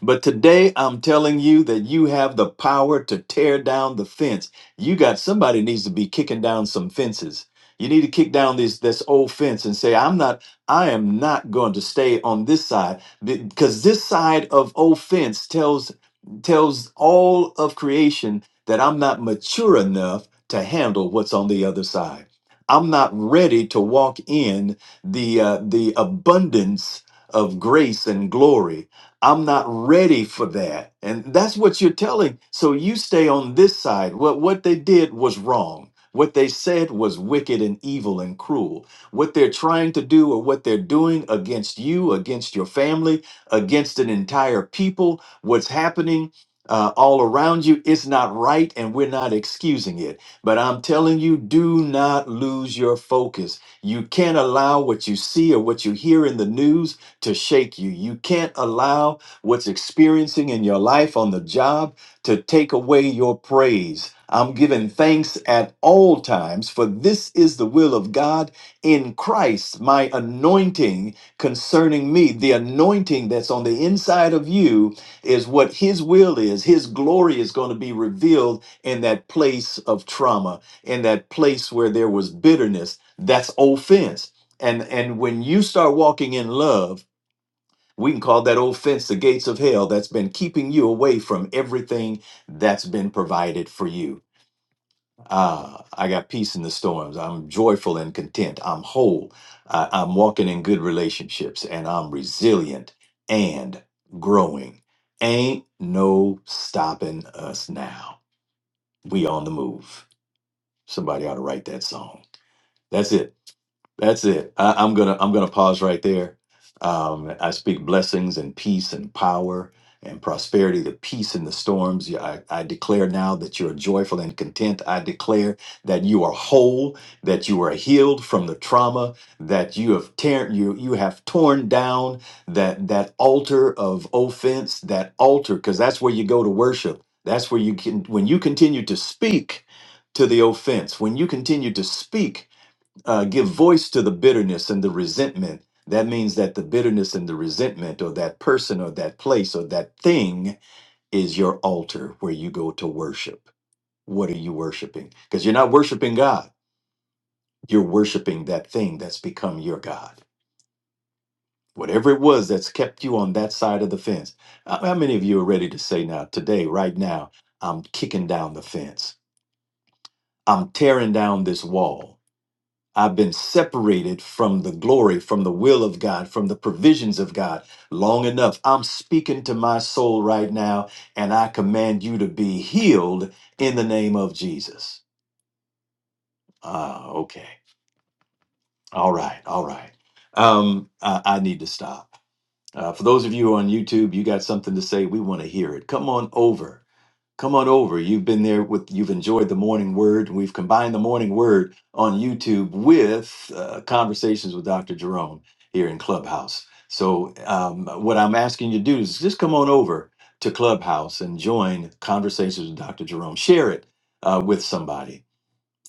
[SPEAKER 4] But today I'm telling you that you have the power to tear down the fence. You got somebody needs to be kicking down some fences. You need to kick down this this old fence and say, I'm not, I am not going to stay on this side. Because this side of old fence tells tells all of creation that I'm not mature enough to handle what's on the other side. I'm not ready to walk in the uh, the abundance of grace and glory I'm not ready for that. And that's what you're telling. So you stay on this side. What what they did was wrong. What they said was wicked and evil and cruel. What they're trying to do or what they're doing against you, against your family, against an entire people, what's happening uh, all around you, it's not right and we're not excusing it. But I'm telling you, do not lose your focus. You can't allow what you see or what you hear in the news to shake you. You can't allow what's experiencing in your life on the job to take away your praise. I'm giving thanks at all times, for this is the will of God in Christ, my anointing concerning me. The anointing that's on the inside of you is what His will is. His glory is going to be revealed in that place of trauma, in that place where there was bitterness. That's offense. And, and when you start walking in love, we can call that old fence the gates of hell that's been keeping you away from everything that's been provided for you. Ah, I got peace in the storms. I'm joyful and content. I'm whole. I, I'm walking in good relationships and I'm resilient and growing. Ain't no stopping us now. We on the move. Somebody ought to write that song. That's it. That's it. I, I'm gonna I'm gonna pause right there. Um, I speak blessings and peace and power and prosperity, the peace in the storms. Yeah, I, I declare now that you are joyful and content. I declare that you are whole, that you are healed from the trauma, that you have tear you you have torn down that that altar of offense, that altar, because that's where you go to worship. That's where you can when you continue to speak to the offense, when you continue to speak uh, give voice to the bitterness and the resentment, that means that the bitterness and the resentment, or that person, or that place, or that thing is your altar where you go to worship. What are you worshiping? Because you're not worshiping God, you're worshiping that thing that's become your God. Whatever it was that's kept you on that side of the fence. How how many of you are ready to say now, today, right now, I'm kicking down the fence? I'm tearing down this wall. I've been separated from the glory, from the will of God, from the provisions of God long enough. I'm speaking to my soul right now, and I command you to be healed in the name of Jesus. Ah, okay. All right. All right. Um, I, I need to stop. Uh, for those of you on YouTube, you got something to say, we want to hear it. Come on over come on over. You've been there with, you've enjoyed the morning word. We've combined the morning word on YouTube with uh, conversations with Dr. Jerome here in Clubhouse. So, um, what I'm asking you to do is just come on over to Clubhouse and join Conversations with Dr. Jerome. Share it uh, with somebody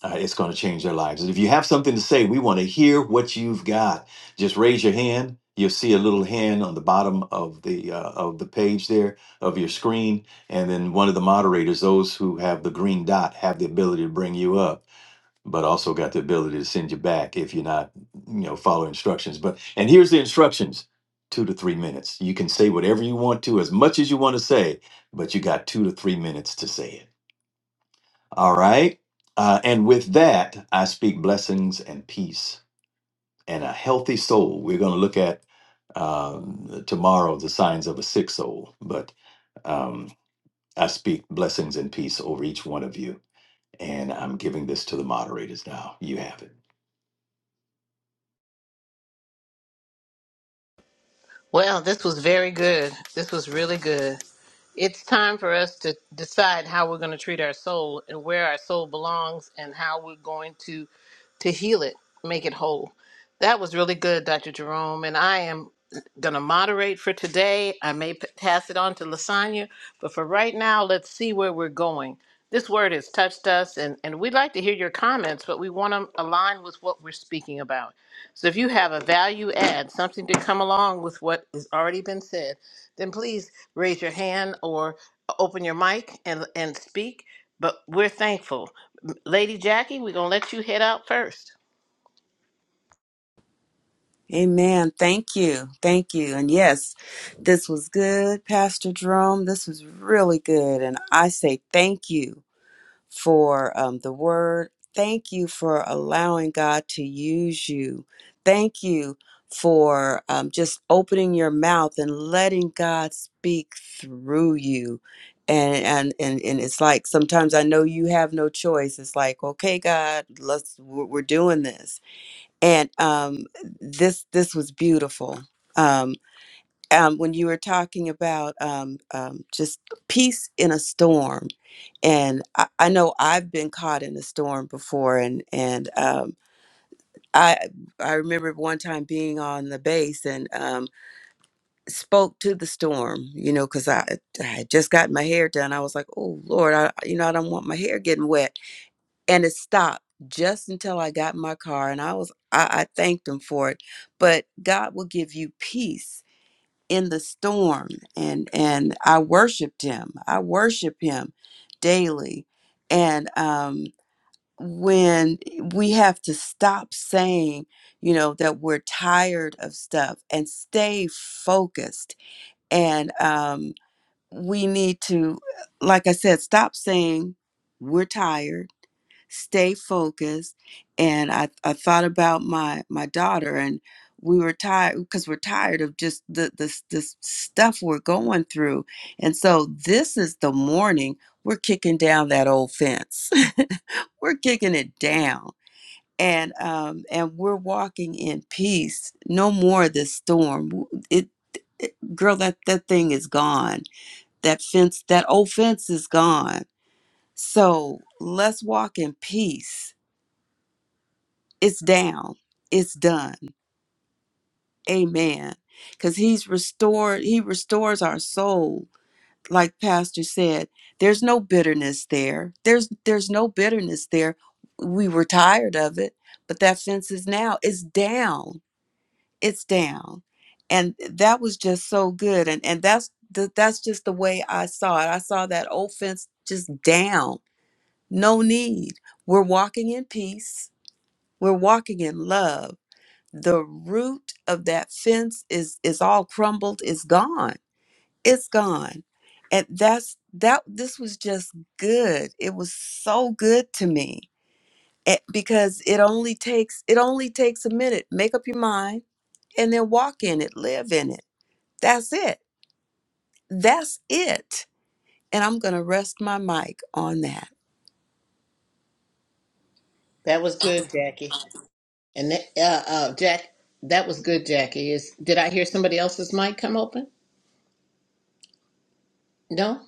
[SPEAKER 4] uh, it's going to change their lives. And if you have something to say, we want to hear what you've got. Just raise your hand. You'll see a little hand on the bottom of the uh, of the page there of your screen, and then one of the moderators, those who have the green dot, have the ability to bring you up, but also got the ability to send you back if you're not, you know, follow instructions. But and here's the instructions: two to three minutes. You can say whatever you want to, as much as you want to say, but you got two to three minutes to say it. All right. Uh, and with that, I speak blessings and peace and a healthy soul. We're going to look at um, tomorrow the signs of a sick soul, but um, I speak blessings and peace over each one of you. And I'm giving this to the moderators now. You have it.
[SPEAKER 1] Well, this was very good. This was really good. It's time for us to decide how we're going to treat our soul and where our soul belongs and how we're going to to heal it, make it whole. That was really good, Dr. Jerome, and I am going to moderate for today. I may p- pass it on to Lasagna, but for right now, let's see where we're going. This word has touched us, and, and we'd like to hear your comments, but we want to align with what we're speaking about. So if you have a value add, something to come along with what has already been said, then please raise your hand or open your mic and, and speak, but we're thankful. Lady Jackie, we're going to let you head out first.
[SPEAKER 5] Amen. Thank you. Thank you. And yes, this was good, Pastor Jerome. This was really good. And I say thank you for um, the word. Thank you for allowing God to use you. Thank you for um, just opening your mouth and letting God speak through you. And, and and and it's like sometimes I know you have no choice. It's like, okay, God, let's we're we're doing this and um, this this was beautiful. Um, um, when you were talking about um, um, just peace in a storm, and I, I know I've been caught in a storm before, and and um, I I remember one time being on the base and um, spoke to the storm, you know, because I, I had just got my hair done. I was like, oh Lord, I you know I don't want my hair getting wet, and it stopped just until I got in my car and I was I, I thanked him for it. But God will give you peace in the storm and and I worshiped him. I worship him daily. And um when we have to stop saying, you know, that we're tired of stuff and stay focused. And um we need to like I said, stop saying we're tired stay focused and I, I thought about my my daughter and we were tired because we're tired of just the this this stuff we're going through and so this is the morning we're kicking down that old fence we're kicking it down and um and we're walking in peace no more of this storm it, it girl that that thing is gone that fence that old fence is gone so let's walk in peace it's down it's done amen because he's restored he restores our soul like pastor said there's no bitterness there there's there's no bitterness there we were tired of it but that fence is now it's down it's down and that was just so good and and that's the, that's just the way i saw it i saw that old fence just down no need we're walking in peace we're walking in love the root of that fence is is all crumbled it's gone it's gone and that's that this was just good it was so good to me Eh, because it only takes it only takes a minute make up your mind and then walk in it live in it that's it that's it and i'm going to rest my mic on that
[SPEAKER 1] That was good, Jackie. And that, uh, uh, Jack, that was good, Jackie. Is did I hear somebody else's mic come open? No.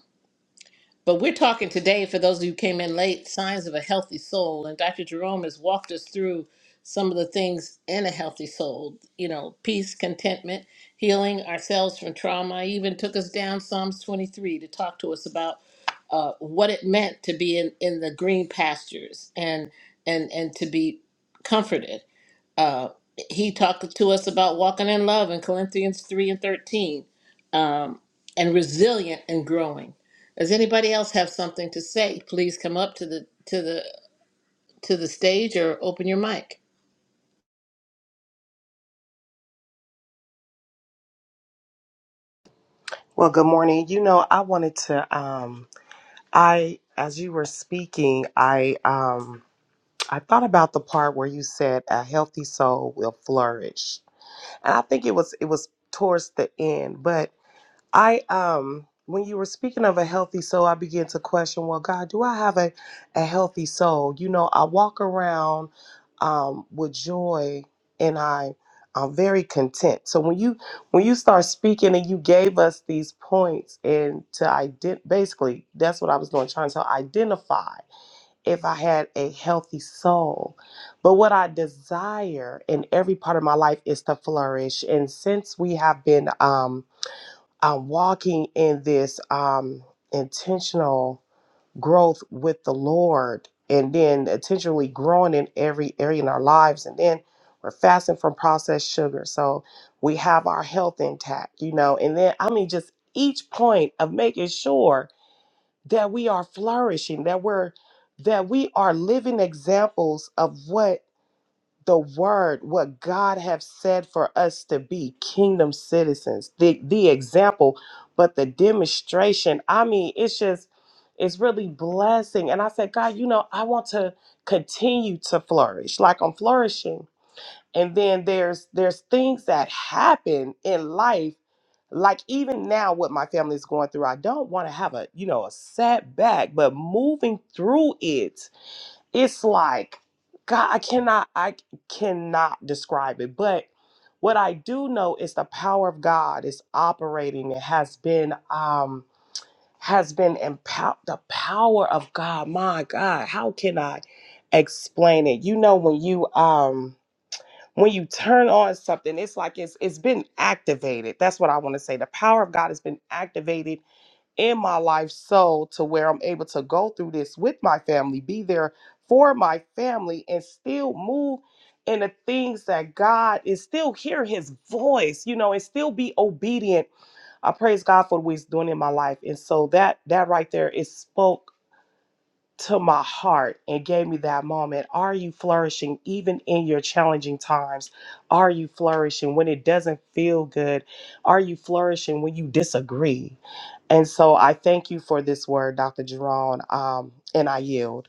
[SPEAKER 1] But we're talking today, for those of you who came in late, signs of a healthy soul. And Dr. Jerome has walked us through some of the things in a healthy soul, you know, peace, contentment, healing ourselves from trauma. He even took us down Psalms 23 to talk to us about uh, what it meant to be in, in the green pastures and and and to be comforted uh, he talked to us about walking in love in Corinthians 3 and 13, um, and resilient and growing. Does anybody else have something to say? Please come up to the to the to the stage or open your mic.
[SPEAKER 3] Well, good morning. You know, I wanted to um I as you were speaking, I um I thought about the part where you said a healthy soul will flourish. And I think it was it was towards the end, but I um when you were speaking of a healthy soul, I began to question, well, God, do I have a, a healthy soul? You know, I walk around um with joy and I I'm very content. So when you when you start speaking and you gave us these points and to ident basically that's what I was doing, trying to identify if I had a healthy soul. But what I desire in every part of my life is to flourish. And since we have been um I'm walking in this um, intentional growth with the Lord and then intentionally growing in every area in our lives. And then we're fasting from processed sugar. So we have our health intact, you know. And then, I mean, just each point of making sure that we are flourishing, that we're that we are living examples of what the word what god have said for us to be kingdom citizens the the example but the demonstration i mean it's just it's really blessing and i said god you know i want to continue to flourish like i'm flourishing and then there's there's things that happen in life like even now what my family is going through i don't want to have a you know a setback but moving through it it's like god i cannot i cannot describe it but what i do know is the power of god is operating it has been um has been empowered the power of god my god how can i explain it you know when you um when you turn on something it's like it's it's been activated that's what i want to say the power of god has been activated in my life so to where I'm able to go through this with my family, be there for my family, and still move in the things that God is still hear his voice, you know, and still be obedient. I praise God for what he's doing in my life. And so that that right there is spoke to my heart and gave me that moment. Are you flourishing even in your challenging times? Are you flourishing when it doesn't feel good? Are you flourishing when you disagree? And so I thank you for this word, Dr. Jerome, um, and I yield.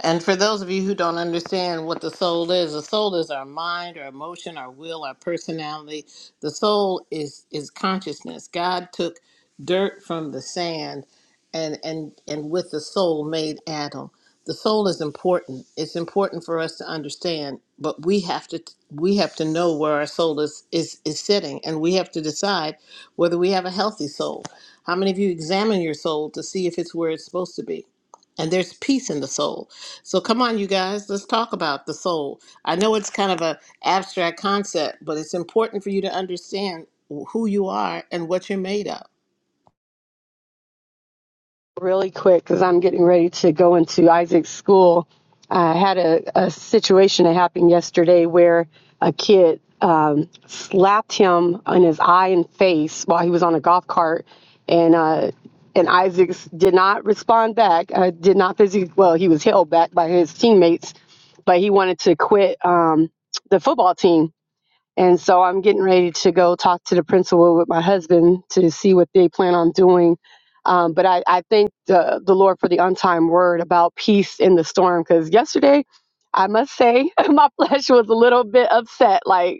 [SPEAKER 1] And for those of you who don't understand what the soul is, the soul is our mind, our emotion, our will, our personality. The soul is is consciousness. God took dirt from the sand and and and with the soul made Adam. The soul is important. It's important for us to understand, but we have to we have to know where our soul is is is sitting and we have to decide whether we have a healthy soul. How many of you examine your soul to see if it's where it's supposed to be? And there's peace in the soul so come on, you guys, let's talk about the soul. I know it's kind of a abstract concept, but it's important for you to understand who you are and what you're made of.
[SPEAKER 2] really quick because I'm getting ready to go into Isaac's school. I had a, a situation that happened yesterday where a kid um, slapped him on his eye and face while he was on a golf cart, and uh, and Isaac did not respond back. Uh, did not physically. Well, he was held back by his teammates, but he wanted to quit um, the football team. And so I'm getting ready to go well, with my husband to see what they plan on doing. Um, but I, I thank the, the Lord for the untimed word about peace in the storm. Because yesterday, I must say, my flesh was a little bit upset. Like,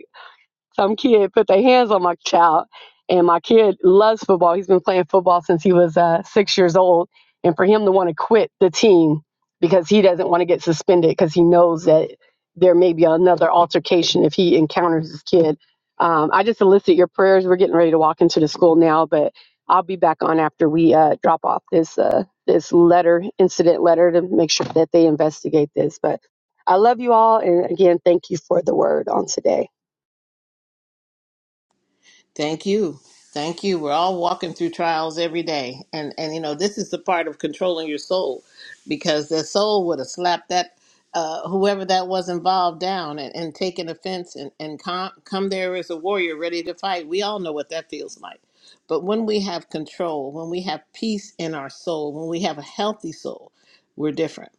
[SPEAKER 2] some kid put their hands on my child and my kid loves football he's been playing football since he was uh, six years old and for him to want to quit the team because he doesn't want to get suspended because he knows that there may be another altercation if he encounters his kid um, i just enlisted your prayers we're getting ready to walk into the school now but i'll be back on after we uh, drop off this uh, this letter incident letter to make sure that they investigate this but i love you all and again thank you for the word on today
[SPEAKER 1] Thank you. Thank you. We're all walking through trials every day. And and you know, this is the part of controlling your soul because the soul would have slapped that uh, whoever that was involved down and, and taken offense and, and com- come there as a warrior ready to fight. We all know what that feels like. But when we have control, when we have peace in our soul, when we have a healthy soul, we're different.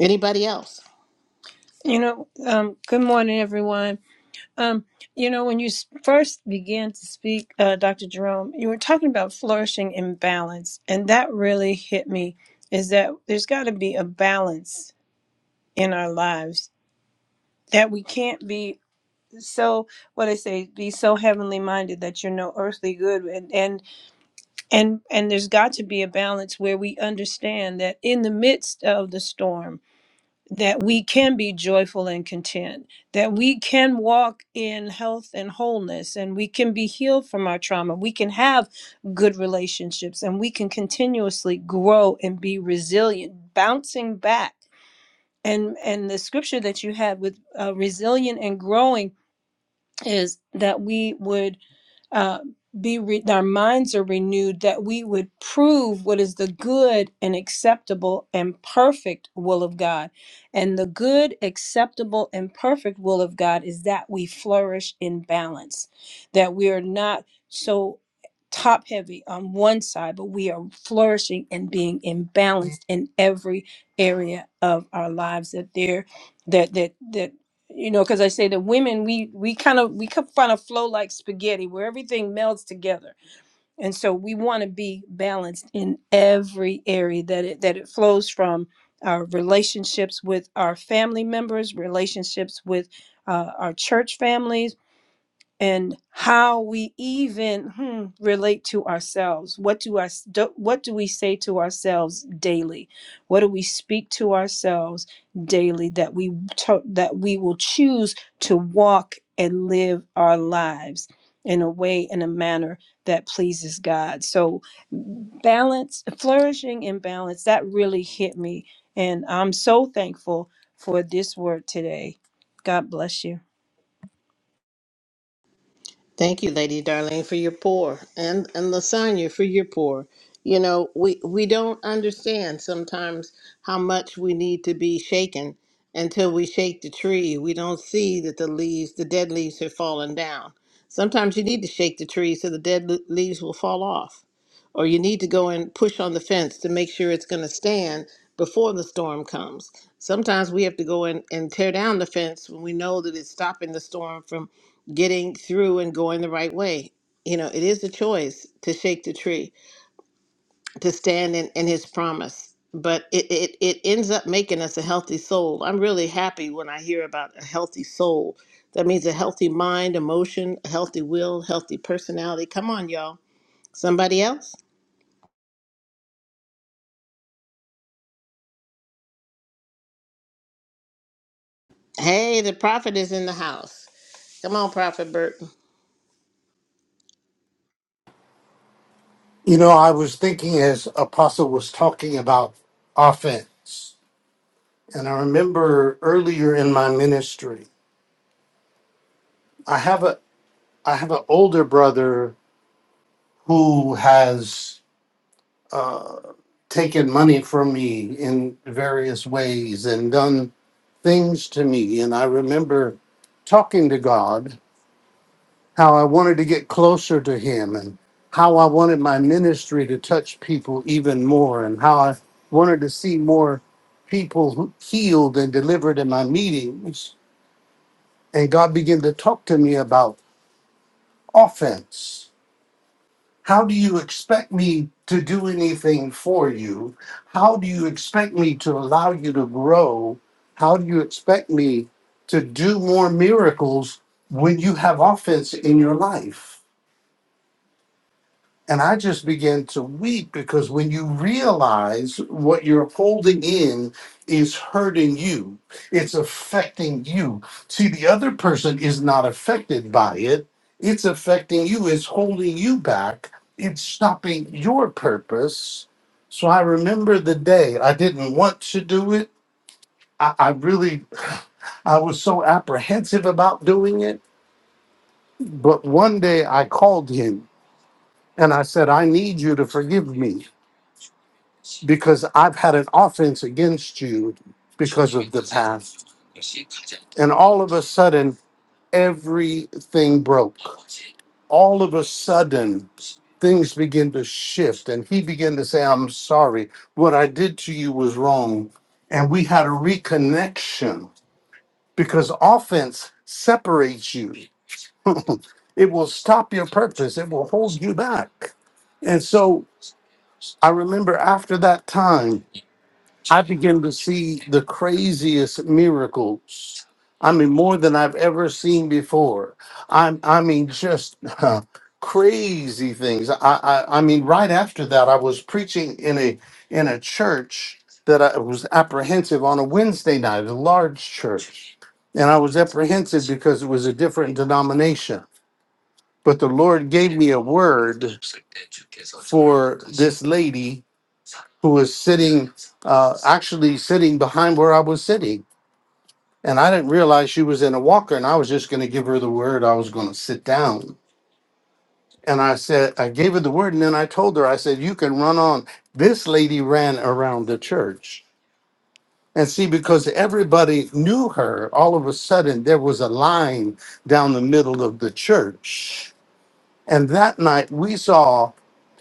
[SPEAKER 1] Anybody else?
[SPEAKER 6] You know, um, good morning, everyone. Um, you know, when you s- first began to speak, uh, Dr. Jerome, you were talking about flourishing in balance, and that really hit me. Is that there's got to be a balance in our lives that we can't be so what I say be so heavenly minded that you're no earthly good, and and and and there's got to be a balance where we understand that in the midst of the storm that we can be joyful and content, that we can walk in health and wholeness, and we can be healed from our trauma. We can have good relationships, and we can continuously grow and be resilient, bouncing back. And and the scripture that you had with uh, resilient and growing is that we would uh, be re- our minds are renewed that we would prove what is the good and acceptable and perfect will of God. And the good, acceptable, and perfect will of God is that we flourish in balance, that we are not so top heavy on one side, but we are flourishing and being imbalanced in every area of our lives. That there, that that that you know because i say that women we we kind of we kind of flow like spaghetti where everything melds together and so we want to be balanced in every area that it that it flows from our relationships with our family members relationships with uh, our church families and how we even hmm, relate to ourselves. What do us do, what do we say to ourselves daily? What do we speak to ourselves daily that we to, that we will choose to walk and live our lives in a way in a manner that pleases God. So balance, flourishing and balance that really hit me and I'm so thankful for this word today. God bless you.
[SPEAKER 1] Thank you, Lady Darlene, for your pour, and and Lasagna for your pour. You know, we we don't understand sometimes how much we need to be shaken until we shake the tree. We don't see that the leaves, the dead leaves, have fallen down. Sometimes you need to shake the tree so the dead le- leaves will fall off, or you need to go and push on the fence to make sure it's going to stand before the storm comes. Sometimes we have to go in and tear down the fence when we know that it's stopping the storm from getting through and going the right way. You know, it is a choice to shake the tree, to stand in, in his promise. But it, it, it ends up making us a healthy soul. I'm really happy when I hear about a healthy soul. That means a healthy mind, emotion, a healthy will, healthy personality. Come on, y'all. Somebody else? Hey, the prophet is in the house. Come on, Prophet Burton.
[SPEAKER 7] You know, I was thinking as Apostle was talking about offense, and I remember earlier in my ministry, I have a I have an older brother who has uh, taken money from me in various ways and done things to me, and I remember talking to God how I wanted to get closer to him and how I wanted my ministry to touch people even more and how I wanted to see more people who- healed and delivered in my meetings. And God began to talk to me about offense. How do you expect me to do anything for you? How do you expect me to allow you to grow? How do you expect me to do more miracles when you have offense in your life? And I just began to weep because when you realize what you're holding in is hurting you, it's affecting you. See, the other person is not affected by it, it's affecting you, it's holding you back, it's stopping your purpose. So I remember the day I didn't want to do it. I, I really, I was so apprehensive about doing it. But one day I called him and I said, I need you to forgive me. because I've had an offense against you because of the past. And all of a sudden, everything broke. All of a sudden, things begin to shift. And he began to say, I'm sorry. What I did to you was wrong. And we had a reconnection because offense separates you, it will stop your purpose, it will hold you back. And so I remember after that time, I began to see the craziest miracles. I mean, more than I've ever seen before. I, I mean, just crazy things. I, I, I mean, right after that, I was preaching in a in a church that I was apprehensive on a Wednesday night, a large church, and I was apprehensive because it was a different denomination. But the Lord gave me a word for this lady who was sitting, uh, actually sitting behind where I was sitting. And I didn't realize she was in a walker, and I was just going to give her the word I was going to sit down. And I said, I gave her the word, and then I told her, I said, You can run on. This lady ran around the church. And see, because everybody knew her, all of a sudden there was a line down the middle of the church. And that night we saw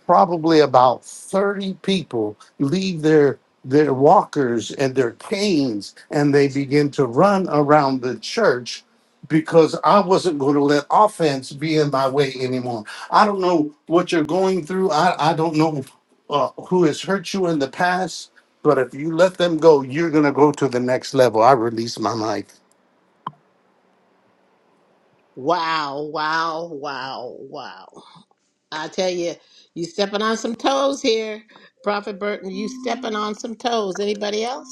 [SPEAKER 7] probably about 30 people leave their their walkers and their canes and they begin to run around the church because I wasn't going to let offense be in my way anymore. I don't know what you're going through. I, I don't know uh, who has hurt you in the past, but if you let them go, you're going to go to the next level. I release my mic.
[SPEAKER 1] Wow, wow, wow, wow. I tell you, you stepping on some toes here, Prophet Burton. You stepping on some toes. Anybody else?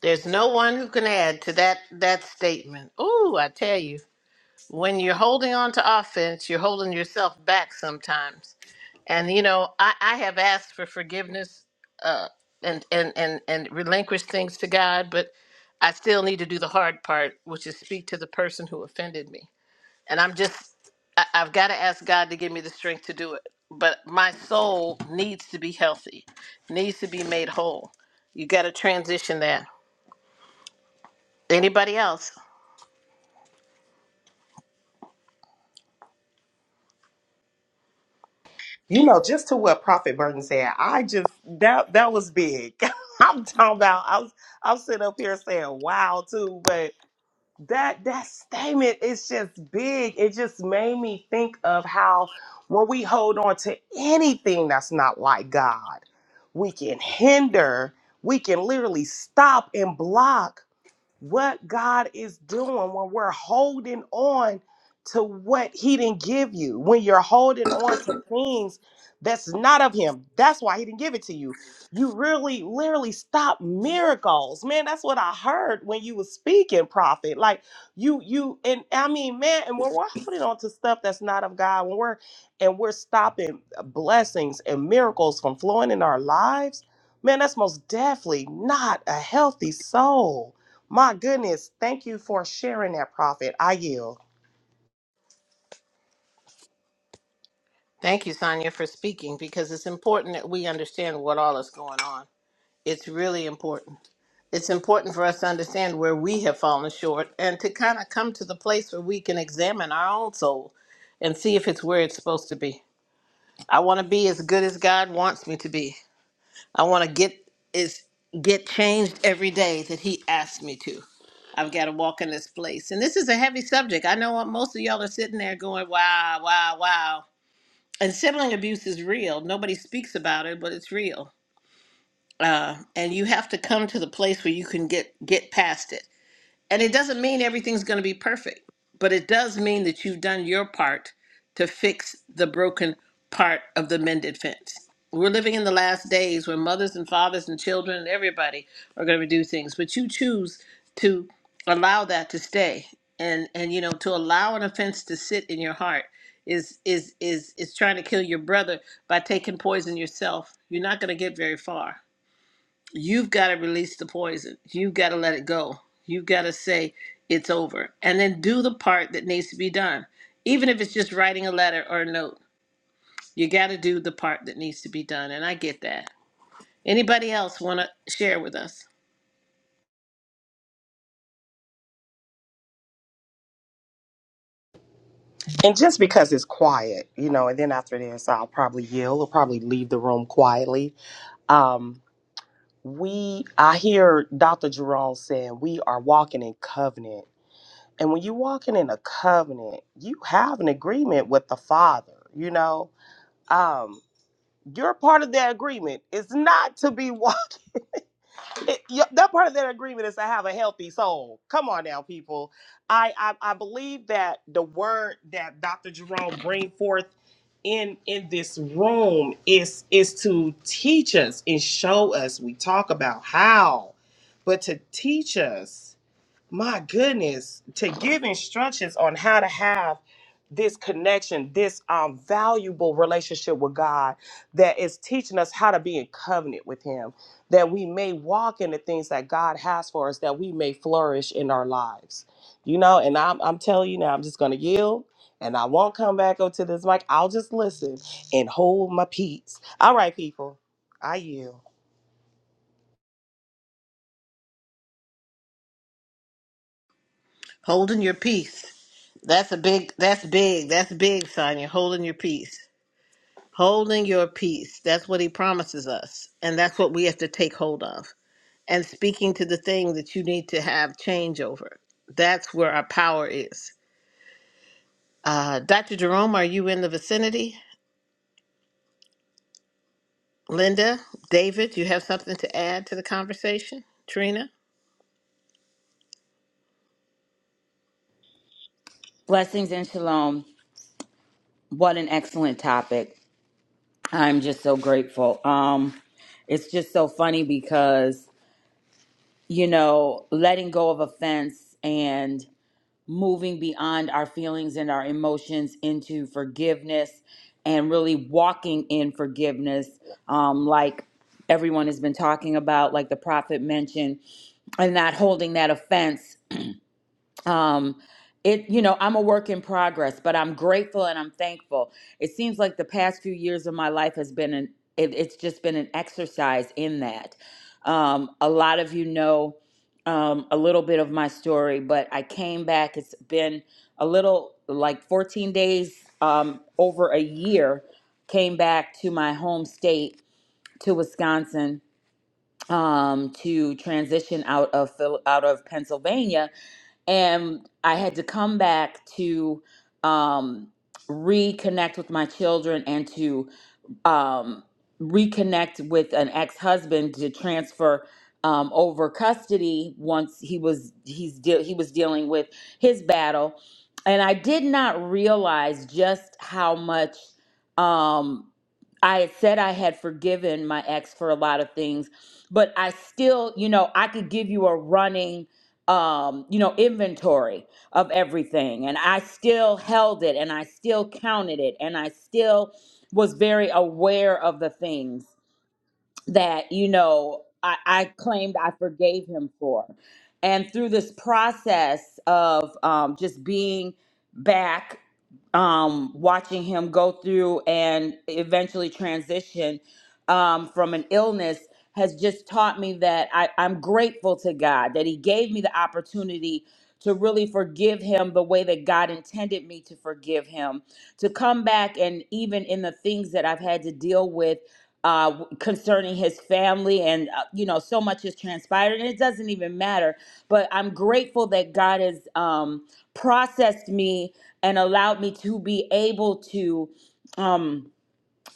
[SPEAKER 1] There's no one who can add to that that statement. Ooh, I tell you, when you're holding on to offense, you're holding yourself back sometimes. And you know, I, I have asked for forgiveness uh, and and and and relinquished things to God, but I still need to do the hard part, which is speak to the person who offended me. and I'm just I, I've got to ask God to give me the strength to do it. But my soul needs to be healthy, needs to be made whole. You got to transition that. Anybody else?
[SPEAKER 3] You know, just to what Prophet Burton said, I just that that was big. I'm talking about I was I'm sitting up here saying wow too, but. that that statement is just big it just made me think of how when we hold on to anything that's not like god we can hinder we can literally stop and block what God is doing when we're holding on to what He didn't give you, when you're holding on to things that's not of Him. That's why He didn't give it to you. You really, literally stop miracles, man. That's what I heard when you was speaking, prophet. Like you, you, and I mean, man. And when we're holding on to stuff that's not of God, when we're and we're stopping blessings and miracles from flowing in our lives, man, that's most definitely not a healthy soul my goodness, thank you for sharing that, Prophet. I yield.
[SPEAKER 1] Thank you, Sonia, for speaking because it's important that we understand what all is going on. It's really important. It's important for us to understand where we have fallen short and to kind of come to the place where we can examine our own soul and see if it's where it's supposed to be. I want to be as good as God wants me to be. I want to get is get changed every day that he asks me to. I've got to walk in this place. And this is a heavy subject. I know what most of y'all are sitting there going, wow, wow, wow. And sibling abuse is real. Nobody speaks about it, but it's real. Uh, and you have to come to the place where you can get get past it. And it doesn't mean everything's going to be perfect, but it does mean that you've done your part to fix the broken part of the mended fence. We're living in the last days where mothers and fathers and children and everybody are going to do things, but you choose to allow that to stay. And and you know, to allow an offense to sit in your heart is is is is trying to kill your brother by taking poison yourself. You're not going to get very far you've got to release the poison. You've got to let it go. You've got to say it's over. And then do the part that needs to be done. Even if it's just writing a letter or a note, you got to do the part that needs to be done. And I get that. Anybody else want to share with us?
[SPEAKER 3] And just because it's quiet, you know, and then after this, I'll probably yield or probably leave the room quietly. Um, we, I hear Dr. Jerome saying we are walking in covenant. And when you're walking in a covenant, you have an agreement with the Father, you know. Um, you're part of that agreement. It's not to be watched. it, yeah, that part of that agreement is to have a healthy soul. Come on now, people. I, I I believe that the word that Dr. Jerome bring forth in in this room is is to teach us and show us. We talk about how, but to teach us my goodness, to give instructions on how to have this connection, this um, valuable relationship with God that is teaching us how to be in covenant with Him, that we may walk in the things that God has for us, that we may flourish in our lives. You know, and I'm, I'm telling you now, I'm just going to yield and I won't come back up to this mic. I'll just listen and hold my peace. All right, people, I yield.
[SPEAKER 1] Holding your peace. That's a big, that's big, that's big, Sonia. Holding your peace. Holding your peace. That's what he promises us. And that's what we have to take hold of. and speaking to the thing that you need to have change over. That's where our power is. Uh, Dr. Jerome, are you in the vicinity? Linda, David, you have something to add to the conversation? Trina?
[SPEAKER 8] Blessings and shalom. What an excellent topic. I'm just so grateful. Um, it's just so funny because, you know, letting go of offense and moving beyond our feelings and our emotions into forgiveness and really walking in forgiveness, um, like everyone has been talking about, like the prophet mentioned, and not holding that offense um it you know i'm a work in progress but i'm grateful and i'm thankful it seems like the past few years of my life has been an it, it's just been an exercise in that um a lot of you know um a little bit of my story but i came back it's been a little like 14 days um over a year came back to my home state to wisconsin um, to transition out of Phil- out of Pennsylvania, and I had to come back to um, reconnect with my children and to um, reconnect with an ex-husband to transfer um, over custody once he was he's de- he was dealing with his battle, and I did not realize just how much um, I had said I had forgiven my ex for a lot of things but I still, you know, I could give you a running um, you know, inventory of everything. And I still held it and I still counted it and I still was very aware of the things that, you know, I, I claimed I forgave him for. And through this process of um, just being back um, watching him go through and eventually transition um, from an illness has just taught me that I, I'm grateful to God that He gave me the opportunity to really forgive him the way that God intended me to forgive him, to come back and even in the things that I've had to deal with. Uh, w- concerning his family and uh, you know so much has transpired and it doesn't even matter but i'm grateful that god is Um, processed me and allowed me to be able to um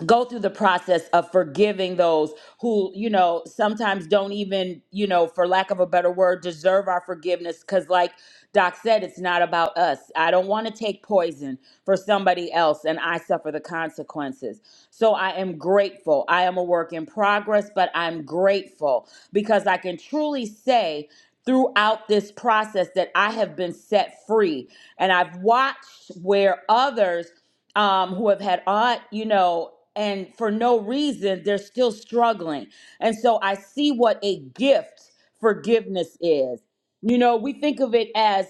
[SPEAKER 8] go through the process of forgiving those who you know sometimes don't even you know for lack of a better word deserve our forgiveness cuz like Doc said it's not about us. I don't want to take poison for somebody else and I suffer the consequences. So I am grateful. I am a work in progress, but I'm grateful because I can truly say throughout this process that I have been set free and I've watched where others um, who have had aunt, you know, and for no reason, they're still struggling. And so I see what a gift forgiveness is. You know, we think of it as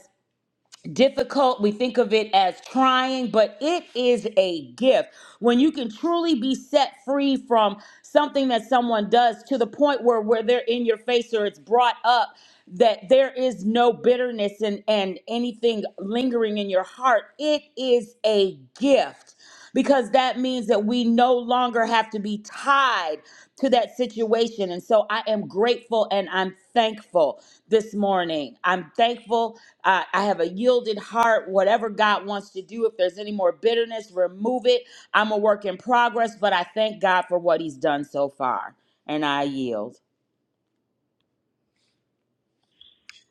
[SPEAKER 8] difficult, we think of it as trying, but it is a gift. When you can truly be set free from something that someone does to the point where where they're in your face or it's brought up that there is no bitterness and and anything lingering in your heart, it is a gift because that means that we no longer have to be tied to that situation. And so I am grateful and I'm thankful this morning. I'm thankful. Uh, I have a yielded heart. Whatever God wants to do, if there's any more bitterness, remove it. I'm a work in progress, but I thank God for what He's done so far. And I yield.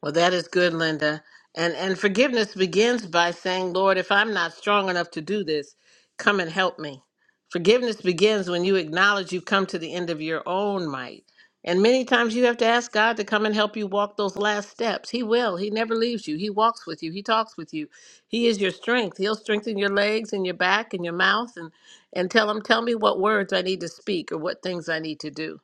[SPEAKER 1] Well, that is good, Linda. And and forgiveness begins by saying, Lord, if I'm not strong enough to do this, come and help me. Forgiveness begins when you acknowledge you've come to the end of your own might. And many times you have to ask God to come and help you walk those last steps. He will. He never leaves you. He walks with you. He talks with you. He is your strength. He'll strengthen your legs and your back and your mouth and and tell him, tell me what words I need to speak or what things I need to do.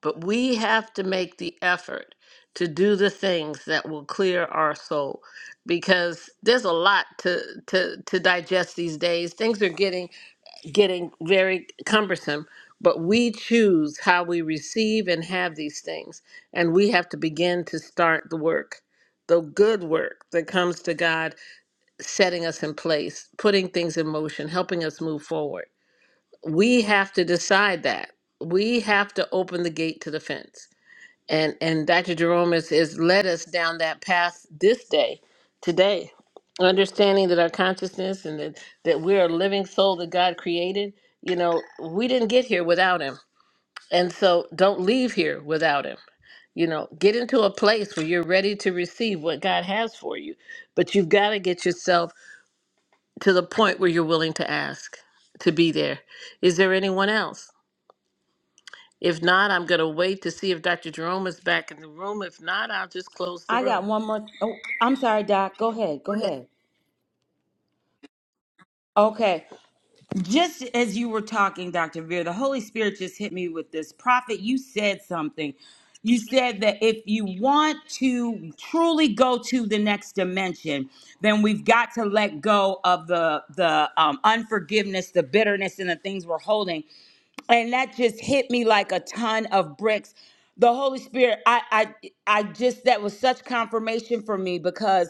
[SPEAKER 1] But we have to make the effort to do the things that will clear our soul because there's a lot to to to digest these days. Things are getting getting very cumbersome, but we choose how we receive and have these things, and we have to begin to start the work. The good work that comes to God setting us in place, putting things in motion, helping us move forward. We have to decide that. We have to open the gate to the fence and and Dr. Jerome has, has led us down that path this day, today, understanding that our consciousness and that that we're a living soul that God created. You know, we didn't get here without Him, and so don't leave here without Him. You know, get into a place where you're ready to receive what God has for you, but you've got to get yourself to the point where you're willing to ask to be there. Is there anyone else? If not, I'm going to wait to see if Dr. Jerome is back in the room. If not, I'll just close the
[SPEAKER 8] I
[SPEAKER 1] room.
[SPEAKER 8] got one more. Oh, I'm sorry, Doc. Go ahead. Go ahead. Okay. just as you were talking, Dr. Veer, the Holy Spirit just hit me with this. Prophet, you said something. You said that if you want to truly go to the next dimension, then we've got to let go of the the um, unforgiveness, the bitterness, and the things we're holding. And that just hit me like a ton of bricks. The Holy Spirit, I I I just that was such confirmation for me because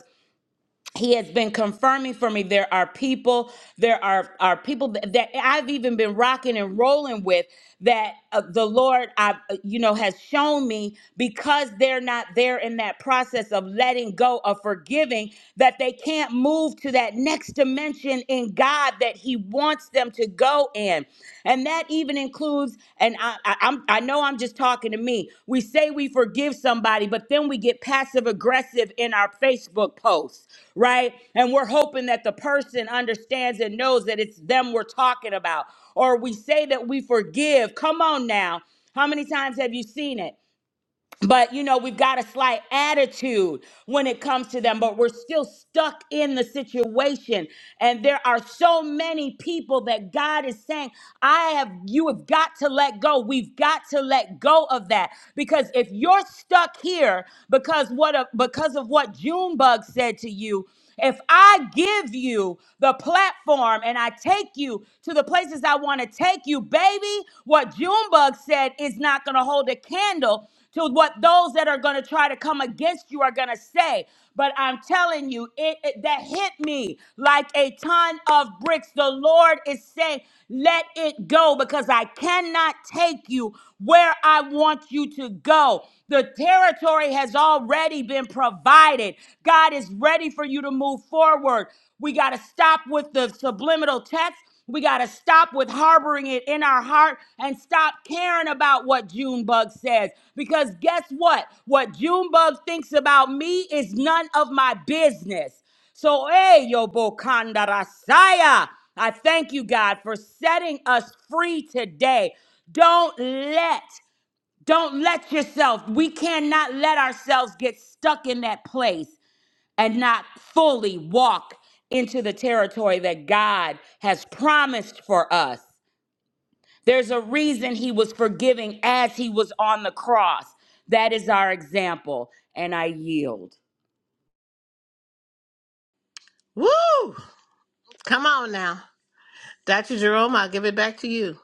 [SPEAKER 8] he has been confirming for me there are people there are are people that, that i've even been rocking and rolling with that uh, the lord i you know has shown me because they're not there in that process of letting go of forgiving that they can't move to that next dimension in god that he wants them to go so in. And that even includes, and I, I, I'm, I know I'm just talking to me. We say we forgive somebody, but then we get passive aggressive in our Facebook posts, right? And we're hoping that the person understands and knows that it's them we're talking about. Or we say that we forgive. Come on now. How many times have you seen it? but you know we've got a slight attitude when it comes to them but we're still stuck in the situation and there are so many people that god is saying i have you have got to let go we've got to let go of that because if you're stuck here because what a, because of what junebug said to you if I give you the platform and I take you to the places I want to take you, baby, what Junebug said is not going to hold a candle to what those that are going to try to come against you are going to say. But I'm telling you, it, it- that hit me like a ton of bricks. The Lord is saying, let it go because I cannot take you where I want you to go. The territory has already been provided. God is ready for you to move forward. We got to stop with the subliminal text. We got to stop with harboring it in our heart and stop caring about what Junebug says. Because guess what? What Junebug thinks about me is none of my business. So, hey, yo, Bokandarasaya, I thank you, God, for setting us free today. Don't let don't let yourself, we cannot let ourselves get stuck in that place and not fully walk into the territory that God has promised for us. There's a reason he was forgiving as he was on the cross. That is our example, and I yield.
[SPEAKER 1] Woo! Come on now. Dr. Jerome, I'll give it back to you.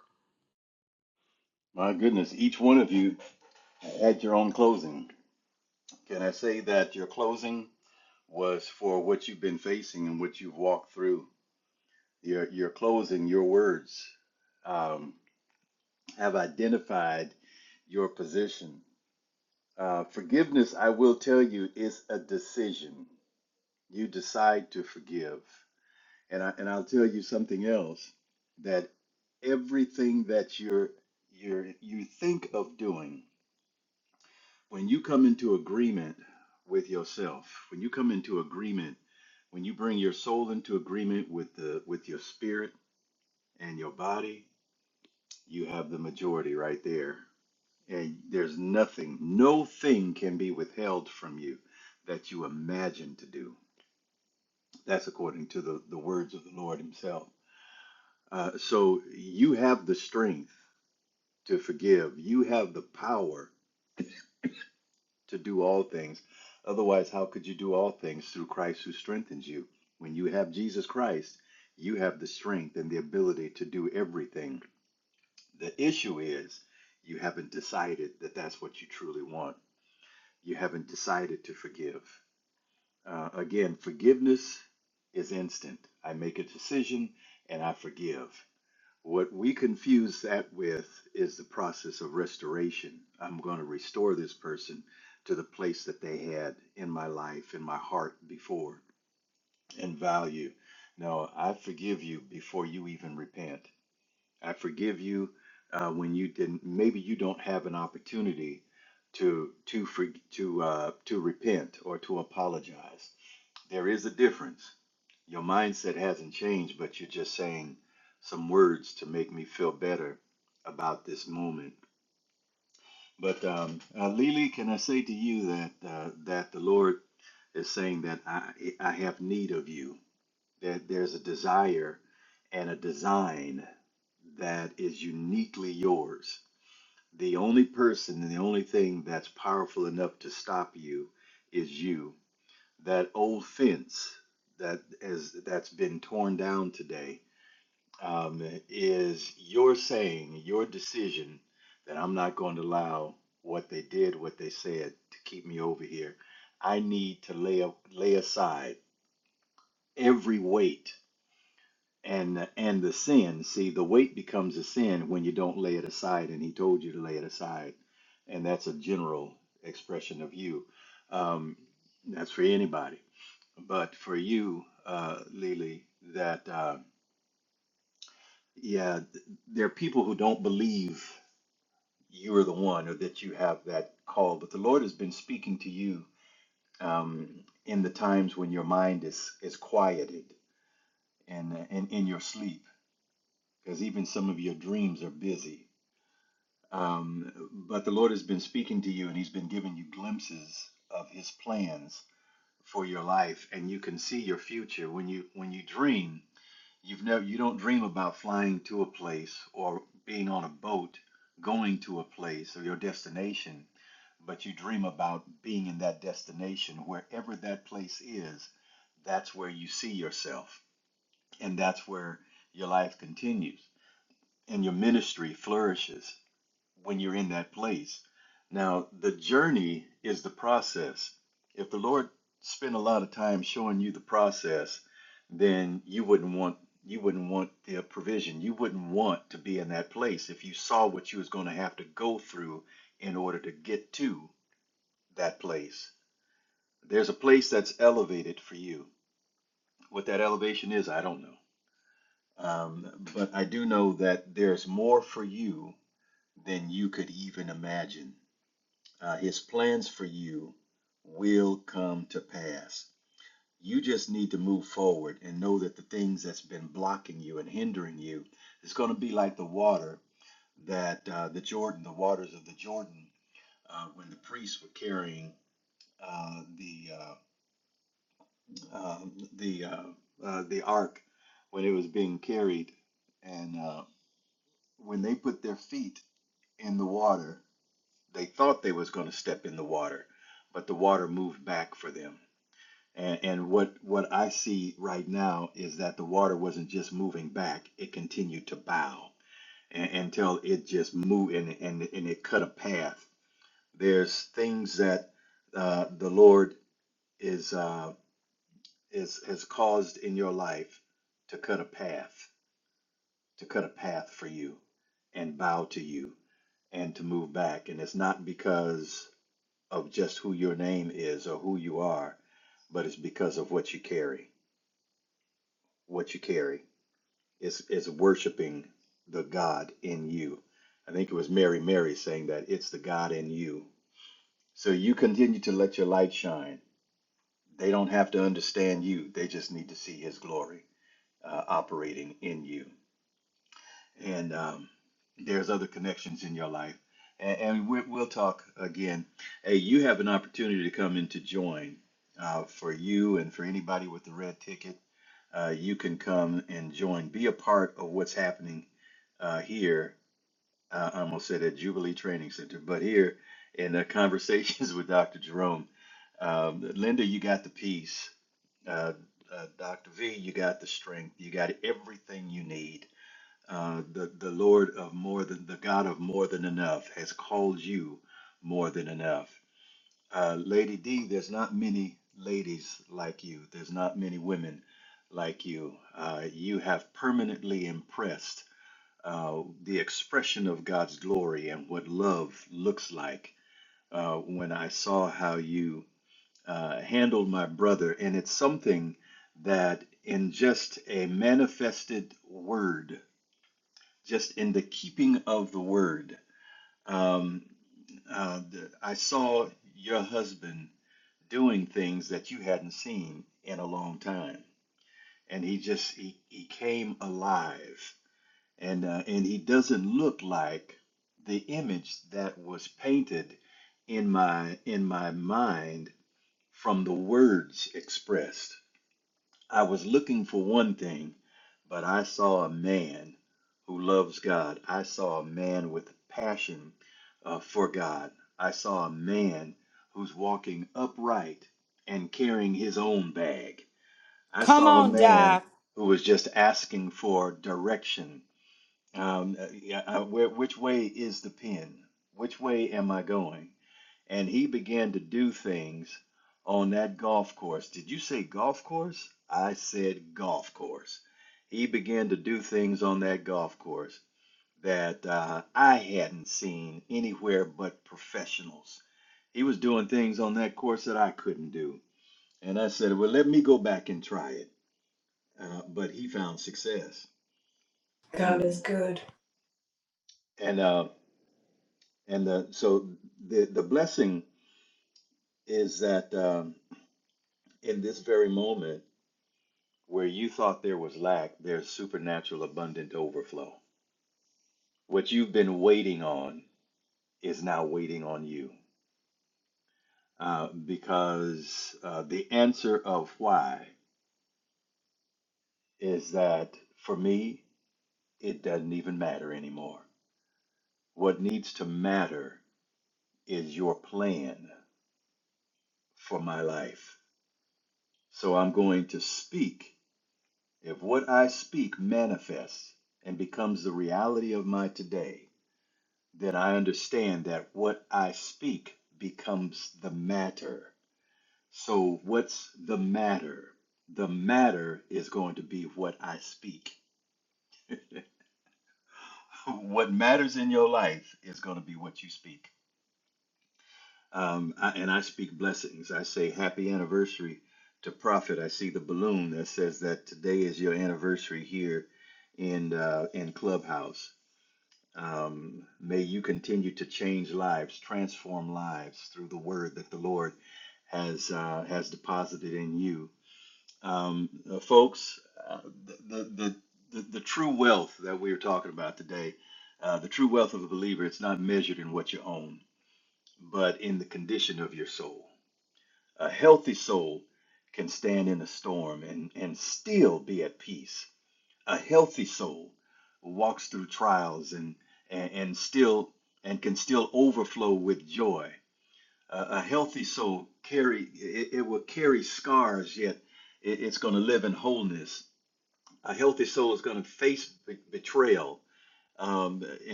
[SPEAKER 8] Come on, Di.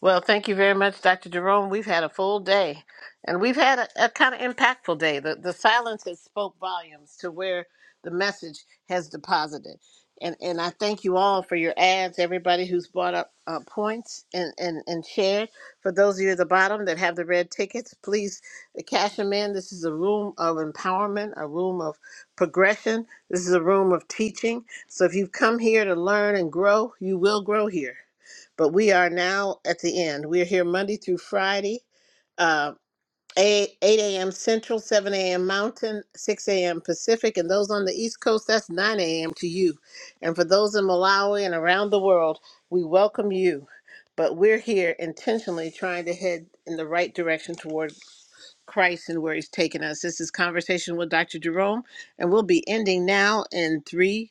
[SPEAKER 1] Well, thank you very much, Dr. Jerome. We've had a full day, and we've had a, a kind of impactful day. The, the silence has spoke volumes to where the message has deposited. And, and I thank you all for your ads, everybody who's brought up uh, points and, and, and shared. For those of you at the bottom that have the red tickets, please uh, cash them in. This is a room of empowerment, a room of progression. This is a room of teaching. So if you've come here to learn and grow, you will grow here but we are now at the end. We're here Monday through Friday, uh, 8, 8 a.m. Central, 7 a.m. Mountain, 6 a.m. Pacific. And those on the East Coast, that's 9 a.m. to you. And for those in Malawi and around the world, we welcome you. But we're here intentionally trying to head in the right direction toward Christ and where He's taken us. This is Conversation with Dr. Jerome, and we'll be ending now in three.